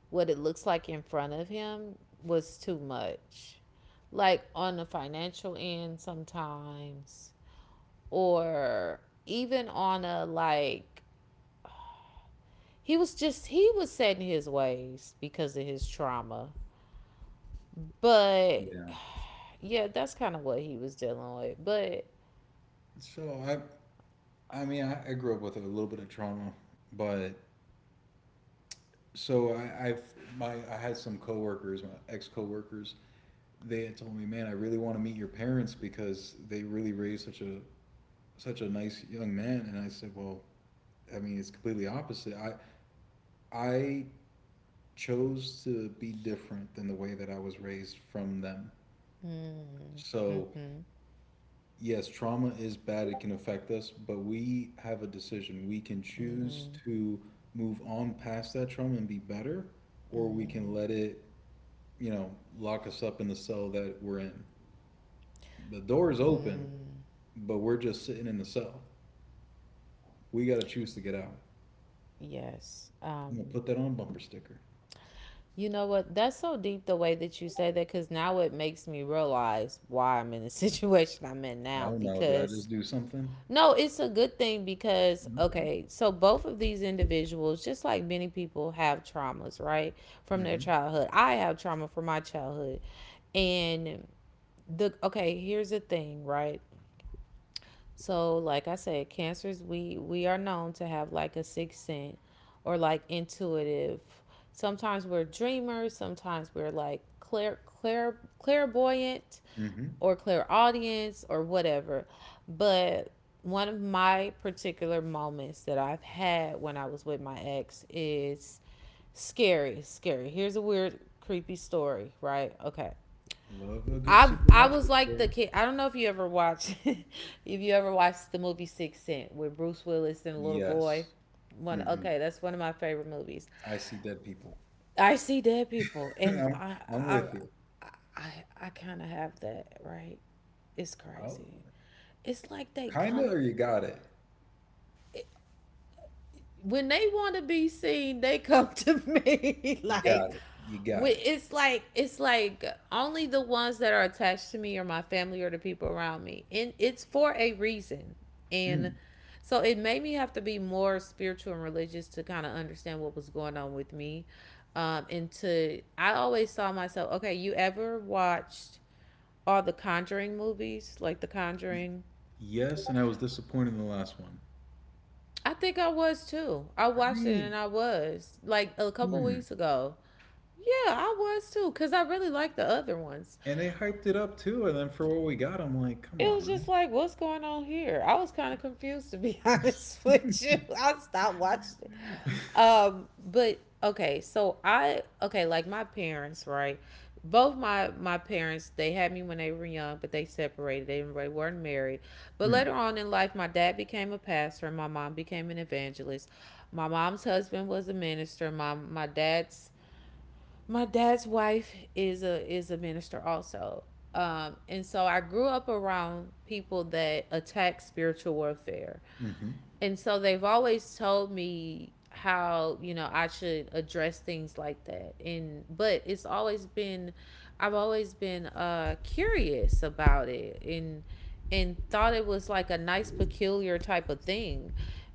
what it looks like in front of him was too much. Like on the financial end sometimes or even on a like he was just he was set in his ways because of his trauma. But
yeah.
yeah, that's kind of what he was dealing with. But
So I I mean I grew up with a little bit of trauma, but I had some coworkers, my ex coworkers. They had told me, man, I really want to meet your parents because they really raised such a nice young man. And I said, well. I mean, it's completely opposite. I chose to be different than the way that I was raised from them.
mm,
So,
mhm.
yes, trauma is bad. It can affect us, but we have a decision. We can choose
Mhm.
to move on past that trauma and be better, or we can
Mhm.
let it, you know, lock us up in the cell that we're in. The door is open,
Mm,
but we're just sitting in the cell. We got to choose to get out.
yes.
I'm going to put that on a bumper sticker.
You know what? That's so deep the way that you say that because now it makes me realize why I'm in the situation I'm in
I
now.
don't know. Did I
Because,
just do something?
no, it's a good thing because,
Okay.
okay, so both of these individuals, just like many people, have traumas, right? From their
hmm
childhood. I have trauma from my childhood. And the, okay, here's the thing, right? So, like I said, cancers we are known to have like a sixth sense or like intuitive. Sometimes we're dreamers, sometimes we're like clairvoyant
hmm
or clairaudience or whatever. But one of my particular moments that I've had when I was with my ex is scary, scary. Here's a weird creepy story, right? Okay.
Love a good
I was
supernatural
like the
story.
kid. I don't know if you ever watched if you ever watched the movie Six Cent with Bruce Willis and a little boy.
Yes.
One
hmm
okay, that's one of my favorite movies.
I see dead people.
I see dead people, and
I'm,
I
I'm with you.
I I kind of have that right. It's
Oh,
crazy. It's like they
kinda,
come
or you got it.
when they want to be seen, they come to me.
You got
like,
it. You got it.
it's like only the ones that are attached to me or my family or the people around me, and it's for a reason. And
Mm.
so it made me have to be more spiritual and religious to kind of understand what was going on with me. And to I always saw myself. Okay, you ever watched all the Conjuring movies, like The
Y-
Conjuring?
Yes, and I was disappointed in the last one.
I think I was too. I watched it,
Right.
and I was like a couple
Mm.
weeks ago. Yeah, I was too, because I really liked the other ones.
And they hyped it up too, and then for what we got, I'm like, come
It was just
on.
like, what's going on here? I was kind of confused, to be honest with you. I stopped watching it.
Now.
But okay, okay, like my parents, right? Both my parents, they had me when they were young, but they separated. They weren't married. But
Mm.
later on in life, my dad became a pastor, and my mom became an evangelist. My mom's husband was a minister. My dad's wife is a minister also. And so I grew up around people that attack spiritual warfare,
Mm-hmm.
and so they've always told me how I should address things like that. And but it's always been, I've always been curious about it, and thought it was like a nice peculiar type of thing.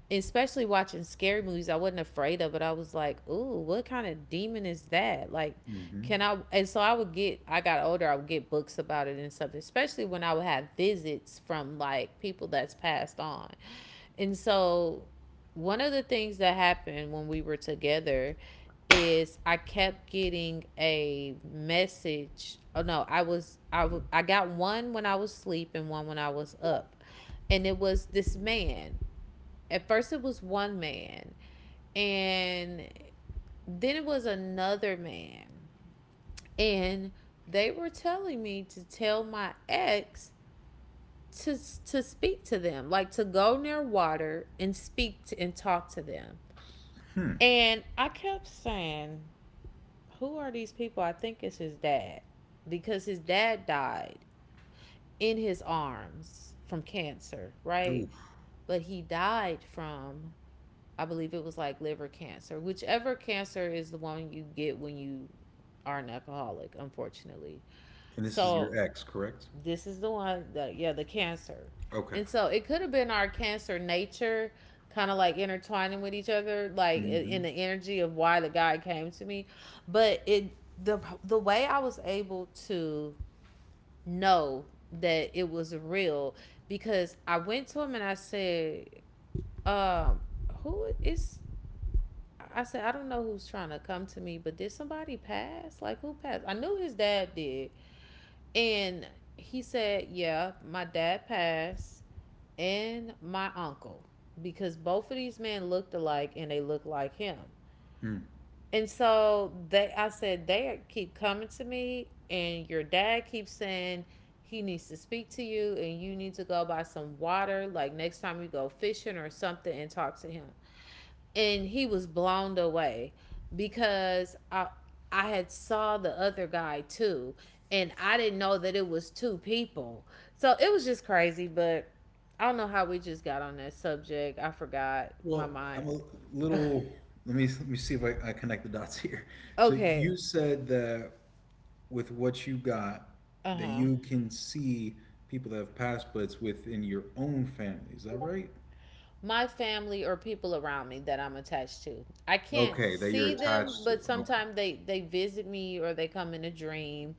Especially watching scary movies, I wasn't afraid of it. I was like, "Ooh, what kind of demon is that?" Like,
Mm-hmm.
can I? And so I would get. I got older. I would get books about it and stuff. Especially when I would have visits from like people that's passed on, and so, one of the things that happened when we were together is I kept getting a message. Oh no, I got one when I was asleep and one when I was up. And it was this man. At first it was one man, and then it was another man. And they were telling me to tell my ex to speak to them, like to go near water and speak to, and talk to them.
Hmm.
And I kept saying, "Who are these people?" I think it's his dad, because his dad died in his arms from cancer, right?
Ooh.
But he died from, I believe it was like liver cancer, whichever cancer is the one you get when you are an alcoholic, unfortunately.
And this is
So
your ex, correct?
this is the one that, yeah, the cancer.
Okay.
And so it could have been our cancer nature kind of like intertwining with each other, like
Mm-hmm.
in the energy of why the guy came to me, but it the way I was able to know that it was real, because I went to him and I said, um, who is I said, I don't know who's trying to come to me, but did somebody pass? Like, who passed? I knew his dad did. And he said, "Yeah, my dad passed and my uncle," because both of these men looked alike, and they looked like him.
Hmm.
And so they I said, they keep coming to me and your dad keeps saying he needs to speak to you, and you need to go buy some water, like next time you go fishing or something, and talk to him. And he was blown away, because I had saw the other guy too, and I didn't know that it was two people. So it was just crazy, but I don't know how we just got on that subject. I forgot my
Well,
mind.
I'm a little. Let me see if I connect the dots here. So
Okay.
you said that with what you got,
Uh
that
huh.
you can see people that have passed, but it's within your own family. Is that right?
My family or people around me that I'm attached to. I can't
Okay, that you're
see them,
attached to.
but
Okay.
sometimes they visit me or they come in a dream,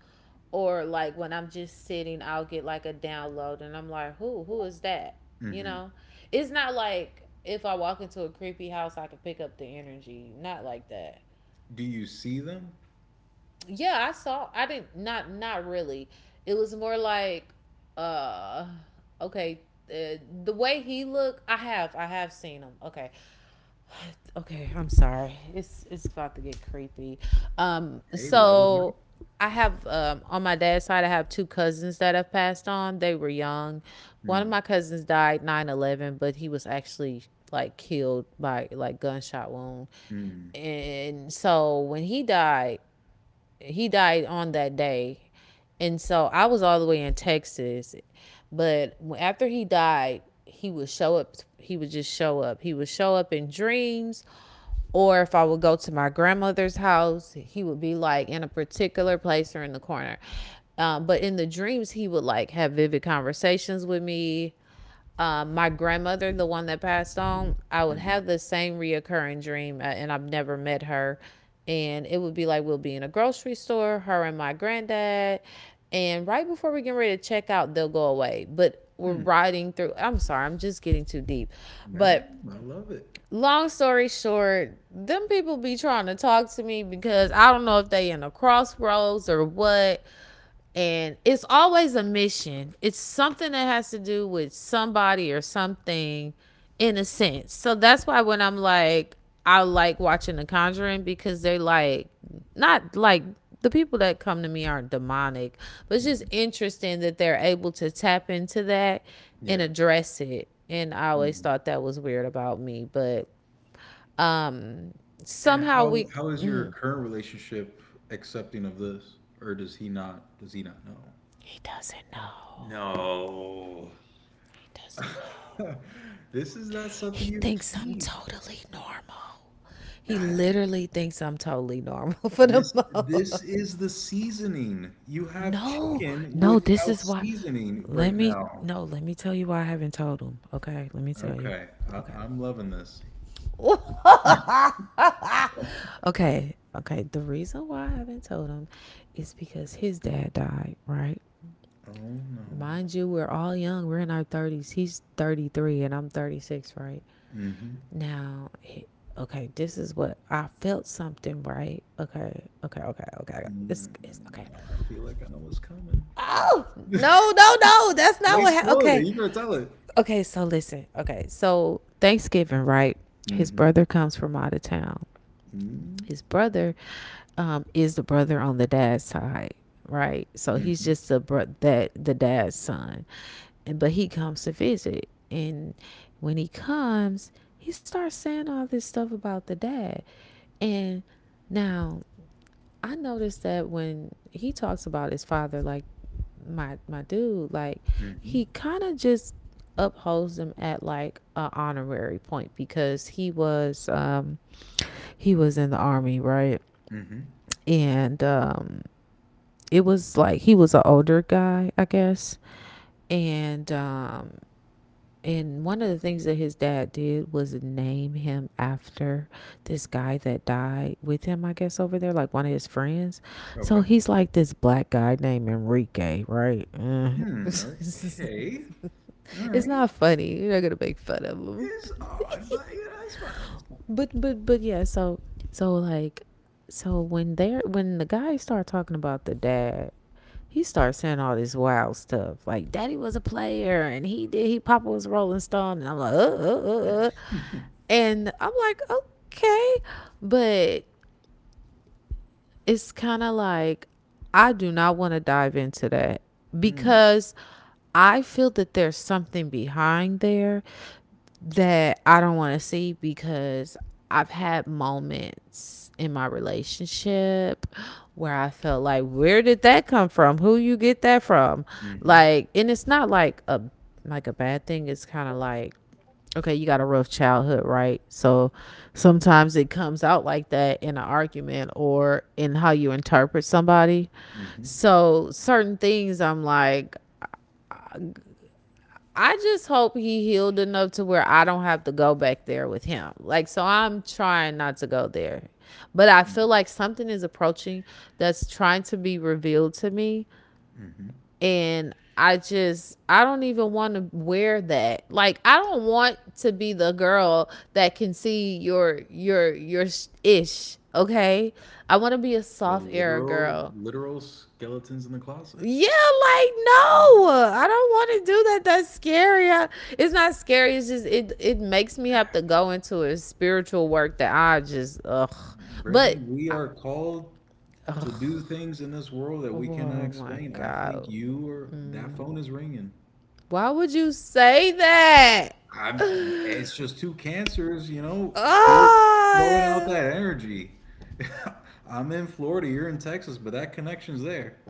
or like when I'm just sitting, I'll get like a download, and I'm like, "Who is that?" You
hmm
know? It's not like if I walk into a creepy house, I can pick up the energy. Not like that.
Do you see them?
Yeah, I saw, I didn't, not really. It was more like uh okay, uh, the way he looked, I have seen him. Okay. Okay, I'm sorry. It's about to get creepy. Um,
Hey, let it be.
so I have, on my dad's side, I have two cousins that have passed on. They were young. One of
Mm,
my cousins died 9/11, but he was actually like killed by like gunshot wound.
mm,
And so when he died on that day. And so I was all the way in Texas. But after he died, he would show up. He would just show up. He would show up in dreams. Or if I would go to my grandmother's house, he would be like in a particular place or in the corner. But in the dreams, he would like have vivid conversations with me. My grandmother, the one that passed on, I would
hmm
have the same reoccurring dream, and I've never met her. And it would be like we'll be in a grocery store, her and my granddad, and right before we get ready to check out, they'll go away. But we're
Hmm.
riding through. I'm sorry, I'm just getting too deep,
No,
but
I love it.
long story short, them people be trying to talk to me, because I don't know if they in a crossroads or what, and it's always a mission, it's something that has to do with somebody or something, in a sense. So that's why when I'm like, I like watching the Conjuring, because they like, not like, the people that come to me aren't demonic, but it's just
Mhm.
interesting that they're able to tap into that and
Yeah.
address it. And I always
hmm
thought that was weird about me. But um
And
somehow we.
how is your current relationship accepting of this, or does he not? Does he not know?
He doesn't know.
No.
He doesn't know.
This is not something
He
you
thinks I'm
keep.
totally normal. He
That-
literally thinks I'm totally normal for the
This this
most.
is the seasoning. You have
No,
chicken
no, this
without
is why.
seasoning
Let
right
me,
now.
no, let me tell you why I haven't told him. Okay, let me tell you.
Okay,
Okay.
I'm loving this.
Okay. Okay. The reason why I haven't told him is because his dad died, right?
Oh no.
Mind you, we're all young. We're in our 30s. He's 33 and I'm 36, right?
Mm-hmm.
Now, okay, this is what I felt something, right? Okay, okay, okay, okay.
Mm.
It's okay.
I feel like I know what's coming.
Oh,
I
no, no, no. That's not
ain't
what happened.
spoiling it.
Okay,
You gonna tell it.
okay, so listen. Okay, so Thanksgiving, right? His
Mm-hmm.
brother comes from out of town.
Mm-hmm.
His brother is the brother on the dad's side, right? So he's
Mm-hmm.
just the that the dad's son, and but he comes to visit, and when he comes, he starts saying all this stuff about the dad, and now I noticed that when he talks about his father, like my dude, like,
Mm-hmm.
he kind of just upholds him at like an honorary point, because he was in the army, right?
Mm-hmm.
And it was like he was an older guy, I guess, and, and one of the things that his dad did was name him after this guy that died with him, I guess, over there, like one of his friends.
Okay.
So he's like this black guy named Enrique, right?
Hmm.
It's
Okay. All right.
not funny. You're not gonna make fun of him.
It's odd, but you know, It's
But yeah, so like so when they're when the guys start talking about the dad, he starts saying all this wild stuff like, "Daddy was a player, and he papa was rolling stone," and I'm like,
fine.
And I'm like, okay, but it's kind of like, I do not want to dive into that,
Mm,
because I feel that there's something behind there that I don't want to see, because I've had moments in my relationship where I felt like, where did that come from? Who you get that from?
hmm
Like, and it's not like a, bad thing. It's kind of like, okay, you got a rough childhood, right? So sometimes it comes out like that in an argument or in how you interpret somebody.
hmm
So certain things I'm like, I just hope he healed enough to where I don't have to go back there with him. Like, so I'm trying not to go there. But I feel like something is approaching that's trying to be revealed to me,
hmm
and I don't even want to wear that. Like, I don't want to be the girl that can see your ish, okay? I want to be a
The
soft era
literal,
girl.
literal skeletons in the closet.
Yeah, like, no. I don't want to do that. That's scary. It's not scary. It's just, it makes me have to go into a spiritual work that I just ugh.
Brittany,
But
we
I-
are called to do things in this world that we cannot
oh my
explain. I think
God.
you are. That phone is ringing.
Why would you say that?
I'm. It's just two cancers, you know, feel- throwing out
Oh,
that energy. I'm in Florida. You're in Texas, but that connection's there.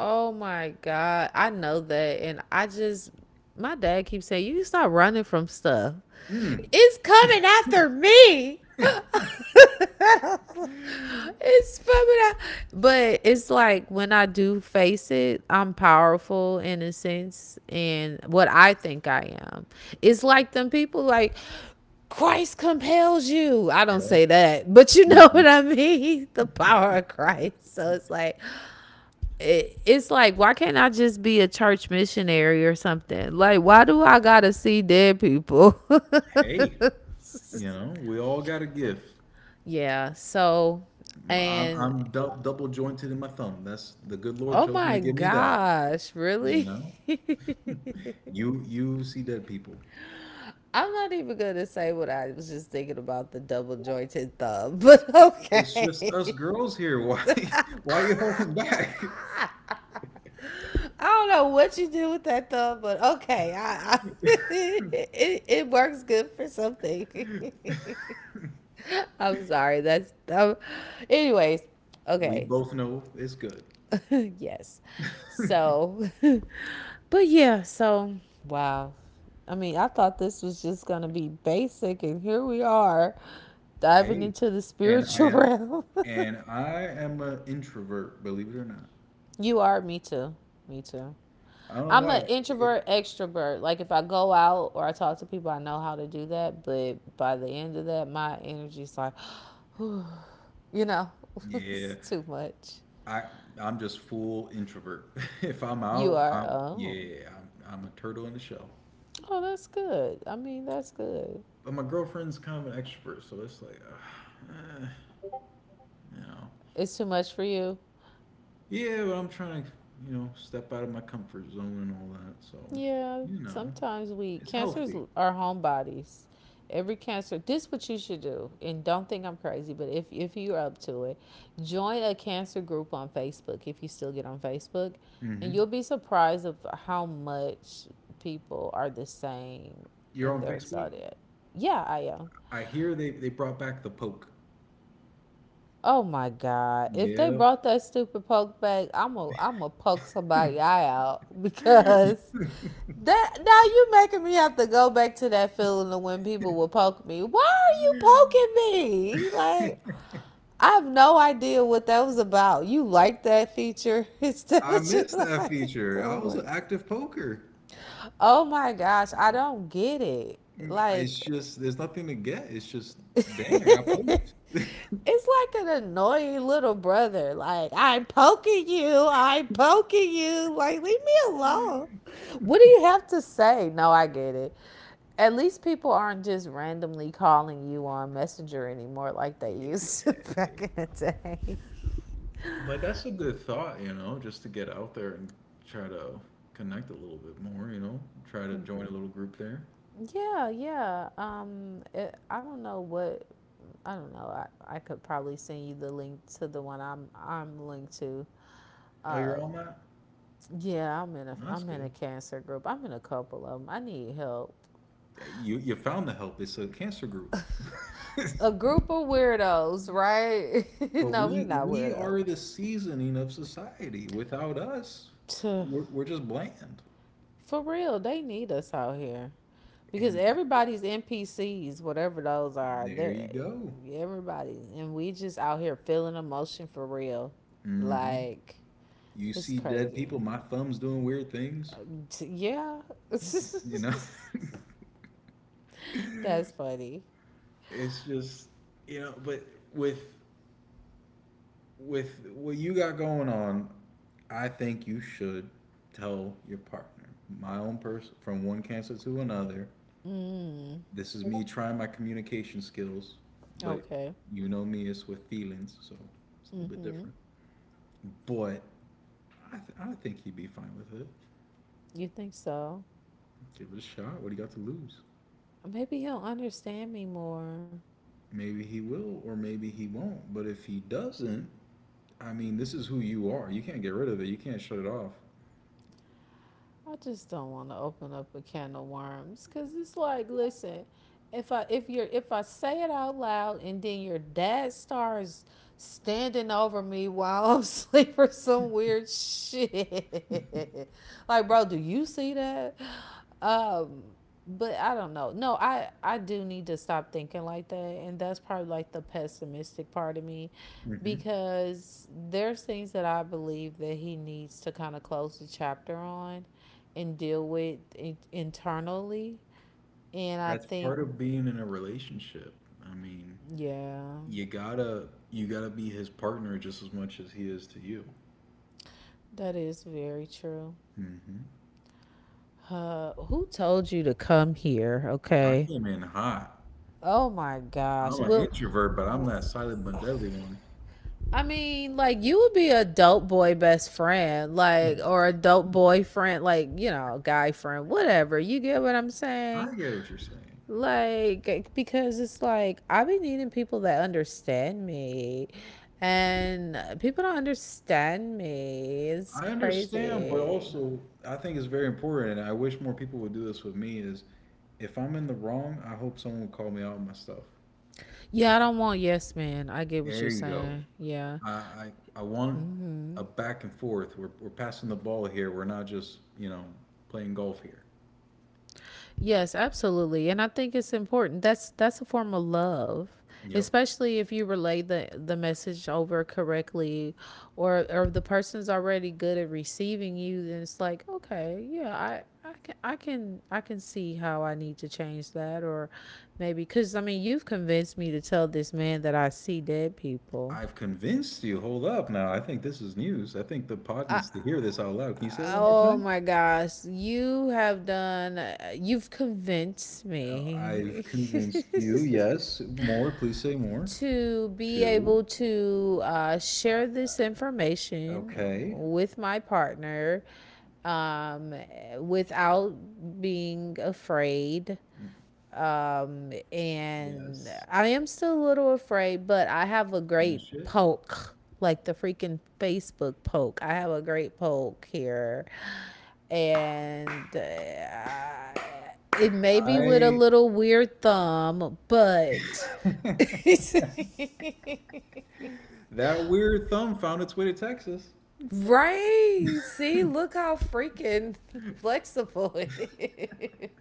oh my God. I know that. And I just, my dad keeps saying, you need to stop running from stuff.
Mm.
It's coming after me. It's coming out. But it's like when I do face it, I'm powerful in a sense and what I think I am. It's like them people like, Christ compels you. I don't
Yeah.
say that, but you know
Mhm.
what I mean? The power of Christ. It's like why can't I just be a church missionary or something? Like why do I gotta see dead people?
Hey, you know, we all got a gift.
Yeah. So and
I'm double jointed in my thumb. That's the good Lord
oh
chose me
my
to give me that.
gosh,
You
really?
know, you see dead people.
I'm not even gonna say what I was just thinking about the double jointed thumb, but
It's just us
okay.
girls here. Why why you holding back?
I don't know what you do with that thumb, but okay. I it works good for something. I'm sorry. That's anyways.
We
Okay.
both know it's good.
Yes. So, but yeah. So wow. I mean, I thought this was just gonna be basic, and here we are diving
Hey,
into the
and
spiritual
and
realm.
and I am an introvert, believe it or not.
You are? Me too. Me too.
I don't know
I'm
why.
an
It-
introvert extrovert. Like if I go out or I talk to people, I know how to do that. But by the end of that, my energy's like, you know, it's
yeah,
too much.
I I'm just full introvert. If I'm
You
out,
are.
I'm
Oh.
yeah, I'm a turtle in the shell.
Oh, that's good. I mean, that's good.
But my girlfriend's kind of an extrovert, so it's like, you know,
It's too much for you.
yeah, but I'm trying to, you know, step out of my comfort zone and all that. So,
Yeah,
you know,
sometimes we
it's
cancers
healthy.
are homebodies. Every cancer, this what you should do, and don't think I'm crazy, but if you're up to it, join a cancer group on Facebook if you still get on Facebook,
Hmm
and you'll be surprised of how much people are the same
You're
in
on
their
Facebook.
zodiac. Yeah, I am.
I hear they brought back the poke.
Oh my God. If they
Yeah.
brought that stupid poke back, I'm a poke somebody eye out because that now you making me have to go back to that feeling of when people will poke me. Why are you poking me? Like I have no idea what that was about. You like that feature? Is that
I
what you
missed that
like?
feature.
Oh
I was
my
an
god.
active poker.
Oh my gosh, I don't get it. Like
It's just there's nothing to get. It's just dang, I got poked.
it's like an annoying little brother. Like, I'm poking you. I'm poking you. Like, leave me alone. What do you have to say? No, I get it. At least people aren't just randomly calling you on Messenger anymore like they used
Yeah.
to back in the day.
But that's a good thought, you know, just to get out there and try to connect a little bit more, you know, try to join a little group there.
Yeah, yeah. I don't know what. I don't know. I could probably send you the link to the one I'm linked to.
Oh, you're on that?
Yeah, I'm in a
No, that's
I'm in a
good.
cancer group. I'm in a couple of them. I need help.
You found the help. It's a cancer group.
A group of weirdos, right?
But
No, we're not
we
weirdos.
are the seasoning of society. Without us, we're just bland.
For real, they need us out here because
And th-
everybody's NPCs, whatever those are.
there you
They're
go.
everybody's, and we just out here feeling emotion for real.
Hmm
Like
You
it's
see dead
crazy.
people. My thumb's doing weird things.
Uh, yeah,
You know,
that's funny.
it's just you know. But with with what you got going on, I think you should tell your partner. My own person from one cancer to another.
Mm,
This is me trying my communication skills, but
okay.
you know me, it's with feelings, so it's a little bit
Mm-hmm.
different. But I think he'd be fine with it.
You think so?
Give it a shot. What do you got to lose?
Maybe he'll understand me more.
Maybe he will, or maybe he won't. But if he doesn't, I mean, this is who you are. You can't get rid of it. You can't shut it off.
I just don't want to open up a can of worms because it's like, listen, if I say it out loud and then your dad starts standing over me while I'm asleep or some weird shit, like, bro, do you see that? Um, but I don't know. No, I do need to stop thinking like that, and that's probably like the pessimistic part of me,
Mm-hmm.
because there's things that I believe that he needs to kind of close the chapter on, and deal with internally. And I
That's part
think,
of being in a relationship. I mean,
yeah,
you gotta be his partner just as much as he is to you.
that is very true.
Hmm
Who told you to come here?
I
Okay.
came in hot.
Oh my gosh.
I'm an
Well,
introvert, but I'm that silent but deadly one.
I mean, like you would be a dope boy best friend, like or a dope boyfriend, like you know, guy friend, whatever. You get what I'm
I
saying?
get what you're saying.
Like because it's like I've been needing people that understand me, and people don't understand me. It's
I understand, but
crazy.
also I think it's very important, and I wish more people would do this with me. Is if I'm in the wrong, I hope someone will call me out on my stuff.
Yeah, I don't want yes man. I get what
There
you're
you go.
saying. Yeah.
I, I I want
Mm-hmm.
a back and forth. We're passing the ball here. We're not just you know playing golf here.
Yes, absolutely. And I think it's important. That's a form of love,
Yep.
especially if you relay the message over correctly or the person's already good at receiving you, then it's like, okay, yeah, I can see how I need to change that or maybe cuz I mean, you've convinced me to tell this man that I see dead people.
I've convinced you. Hold up now. I think this is news. I think the pod
I,
needs to hear this out loud. Can you say it one more
oh
time?
my gosh, you've convinced
I've
me.
convinced you. Yes. More. Please say more.
To be
Two.
able to share this information
Okay.
with my partner um, without being afraid and
Yes.
I am still a little afraid, but I have a great
Finish it.
poke, like the freaking Facebook poke. I have a great poke here. And it may be with a
I.
little weird thumb, but.
That weird thumb found its way to Texas.
Right. See, look how freaking flexible it is.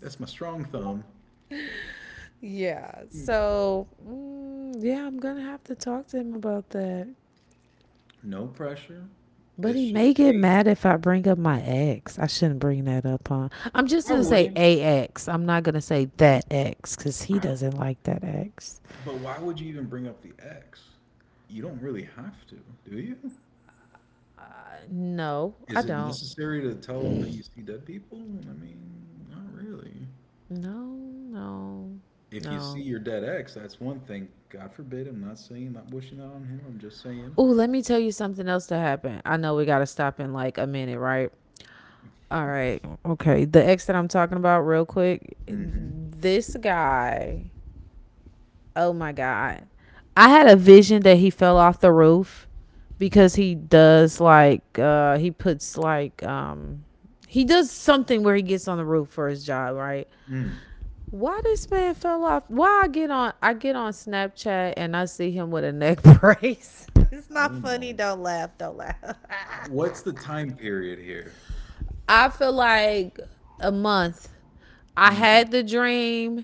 That's my strong thumb.
Yeah. So, mm, yeah, I'm going to have to talk to him about that.
No pressure.
But
It's
he
just,
may get
hey,
mad if I bring up my ex. I shouldn't bring that up, huh? I'm just
I
going to say
wouldn't.
a ex. I'm not going to say that ex because he
I,
doesn't like that ex.
but why would you even bring up the ex? You don't really have to, do you?
No, I
Is it
don't.
necessary to tell them that you see dead people? I mean, not really.
No, no,
If you see
no.
your dead ex, that's one thing. God forbid. I'm not saying, not wishing that on him. I'm just saying.
Oh, let me tell you something else that happened. I know we got to stop in like a minute, right? All right. Okay. The ex that I'm talking about, real quick.
Mm-hmm.
This guy, oh my god. I had a vision that he fell off the roof because he does something where he gets on the roof for his job, right?
Mm.
Why this man fell off? Why I get on Snapchat and I see him with a neck brace. It's
Oh
not funny.
no.
Don't laugh. Don't laugh.
What's the time period here?
I feel like a month. I
Mm.
had the dream.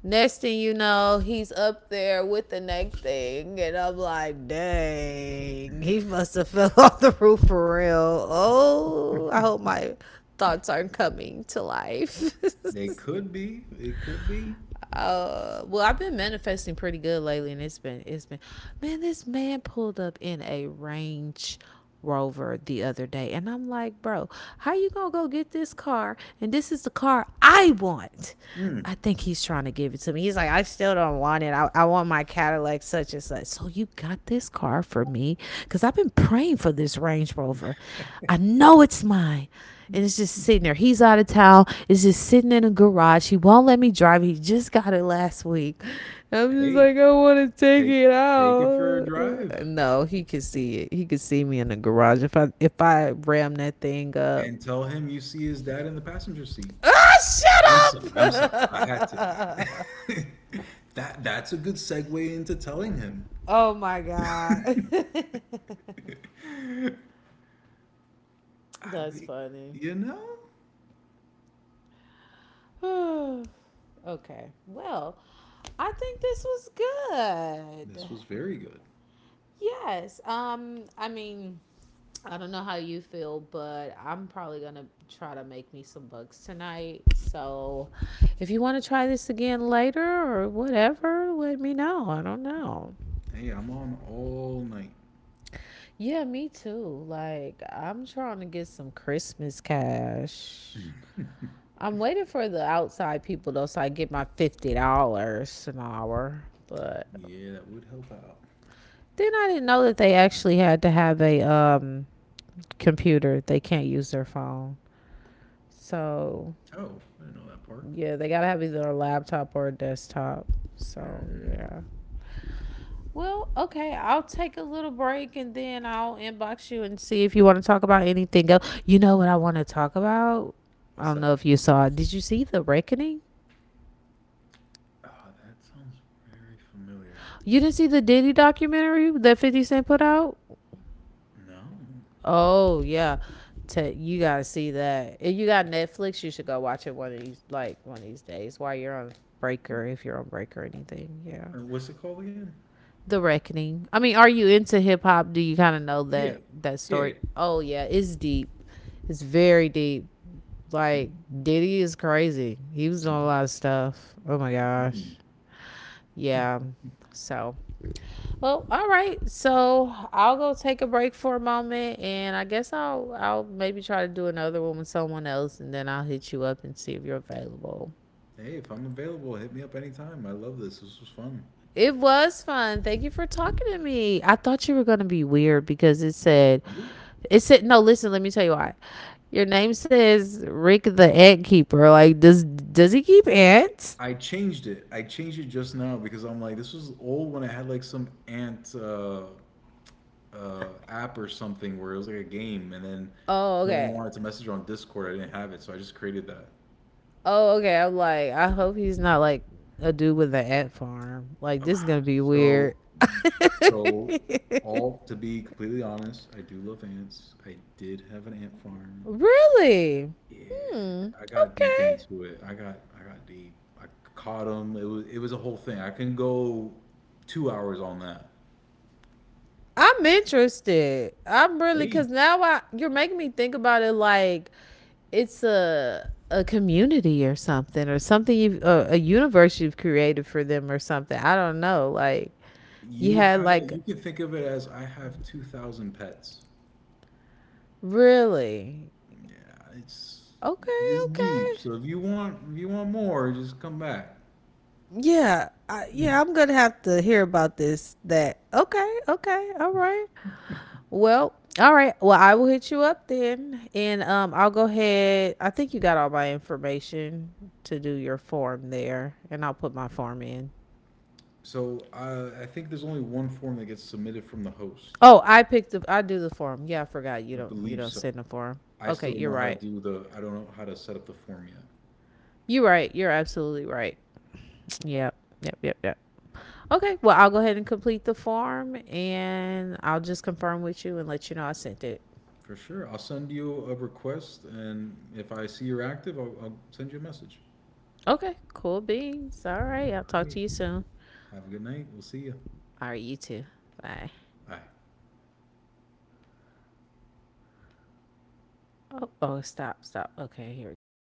Next thing you know, he's up there with the next thing, and I'm like, dang, he must have fell off the roof for real. Oh, I hope my thoughts aren't coming to life.
They could be. It could be.
Well, I've been manifesting pretty good lately, and it's been man, this man pulled up in a range rover the other day, and I'm like, bro, how you gonna go get this car, and this is the car I want.
Mm.
I think he's trying to give it to me. He's like, I still don't want it. I want my cadillac such and such. So you got this car for me because I've been praying for this range rover. I know it's mine, and it's just sitting there. He's out of town. It's just sitting in a garage. He won't let me drive. He just got it last week. I'm just
Hey,
like, I want to take
take
it
take it for a
out.
drive
No, he could see it. He could see me in the garage if I ram that thing
and
up.
tell him you see his dad in the passenger seat. I'm
Ah,
sorry.
shut
I'm sorry. I had to.
up!
That that's a good segue into telling him.
Oh my god,
I
that's
mean,
funny.
you know,
Okay, well, I think this was good.
this was very good.
Yes. I mean, I don't know how you feel, but I'm probably gonna try to make me some bucks tonight. So if you want to try this again later or whatever, let me know. I don't know.
Hey, I'm on all night.
Yeah, me too. Like I'm trying to get some Christmas cash. I'm waiting for the outside people though, so I get my $50 an hour. But
Yeah, that would help out.
then I didn't know that they actually had to have a computer. They can't use their phone. So
Oh, I didn't know that part.
yeah, they gotta have either a laptop or a desktop. So
Mm,
yeah. Well, okay, I'll take a little break and then I'll inbox you and see if you want to talk about anything else. You know what I want to talk about? I
what's
don't
that?
know if you saw it. Did you see The Reckoning?
Oh, that sounds very familiar.
You didn't see the Diddy documentary that 50 Cent put out?
No.
Oh, yeah. You gotta see that. If you got Netflix, you should go watch it one of these days while you're on Breaker, if you're on Breaker or anything. Yeah.
What's it called again?
The Reckoning. I mean, are you into hip hop? Do you kind of know
Yeah.
that
Yeah.
story? Oh yeah, it's deep. It's very deep. Like Diddy is crazy. He was doing a lot of stuff. Oh my gosh.
Mm.
Yeah. So, well, all right. So I'll go take a break for a moment, and I guess I'll maybe try to do another one with someone else, and then I'll hit you up and see if you're available.
Hey, if I'm available, hit me up anytime. I love this. This was fun.
It was fun. Thank you for talking to me. I thought you were gonna be weird because it said,
Cool.
it said no. Listen, let me tell you why. Your name says Rick the Ant Keeper. Like, does he keep ants?
I changed it. I changed it just now because I'm like, this was old when I had like some ant app or something where it was like a game, and then
Oh,
someone
okay.
wanted to message on Discord. I didn't have it, so I just created that.
Oh, okay. I'm like, I hope he's not like a dude with an ant farm. Like, this is gonna be
So,
weird.
so all to be completely honest, I do love ants. I did have an ant farm.
Really?
Yeah,
Hmm.
I got deep
Okay.
into it. I got deep. I caught them. It was a whole thing. I can go 2 hours on that.
I'm interested. I'm really
Hey,
because now I you're making me think about it like it's a community or something you a universe you've created for them or something. I don't know. Like you
you
had
have
like
you can think of it as I have 2,000 pets.
really
Yeah, it's
okay,
it's deep.
okay.
So if you want more, just come back.
Yeah, yeah, I'm gonna have to hear about this. That okay, okay, all right. Well, all right. Well, I will hit you up then, and I'll go ahead. I think you got all my information to do your form there, and I'll put my form in.
So I think there's only one form that gets submitted from the host.
Oh, I picked the I do the form. Yeah, I forgot you
I
don't you
believe
don't
so.
send the form.
I
Okay,
still don't
you're
know how to
right.
do the I don't know how to set up the form yet.
You're right. You're absolutely right. Yep. Yep. Yep. Yep. Okay. Well, I'll go ahead and complete the form and I'll just confirm with you and let you know I sent it.
For sure. I'll send you a request and if I see you're active, I'll send you a message.
Okay. Cool beans. All right. I'll
All
talk to
right.
you soon.
Have a good night. We'll see you.
All right, you too. Bye.
Bye.
Oh, oh stop, stop. Okay, here we go.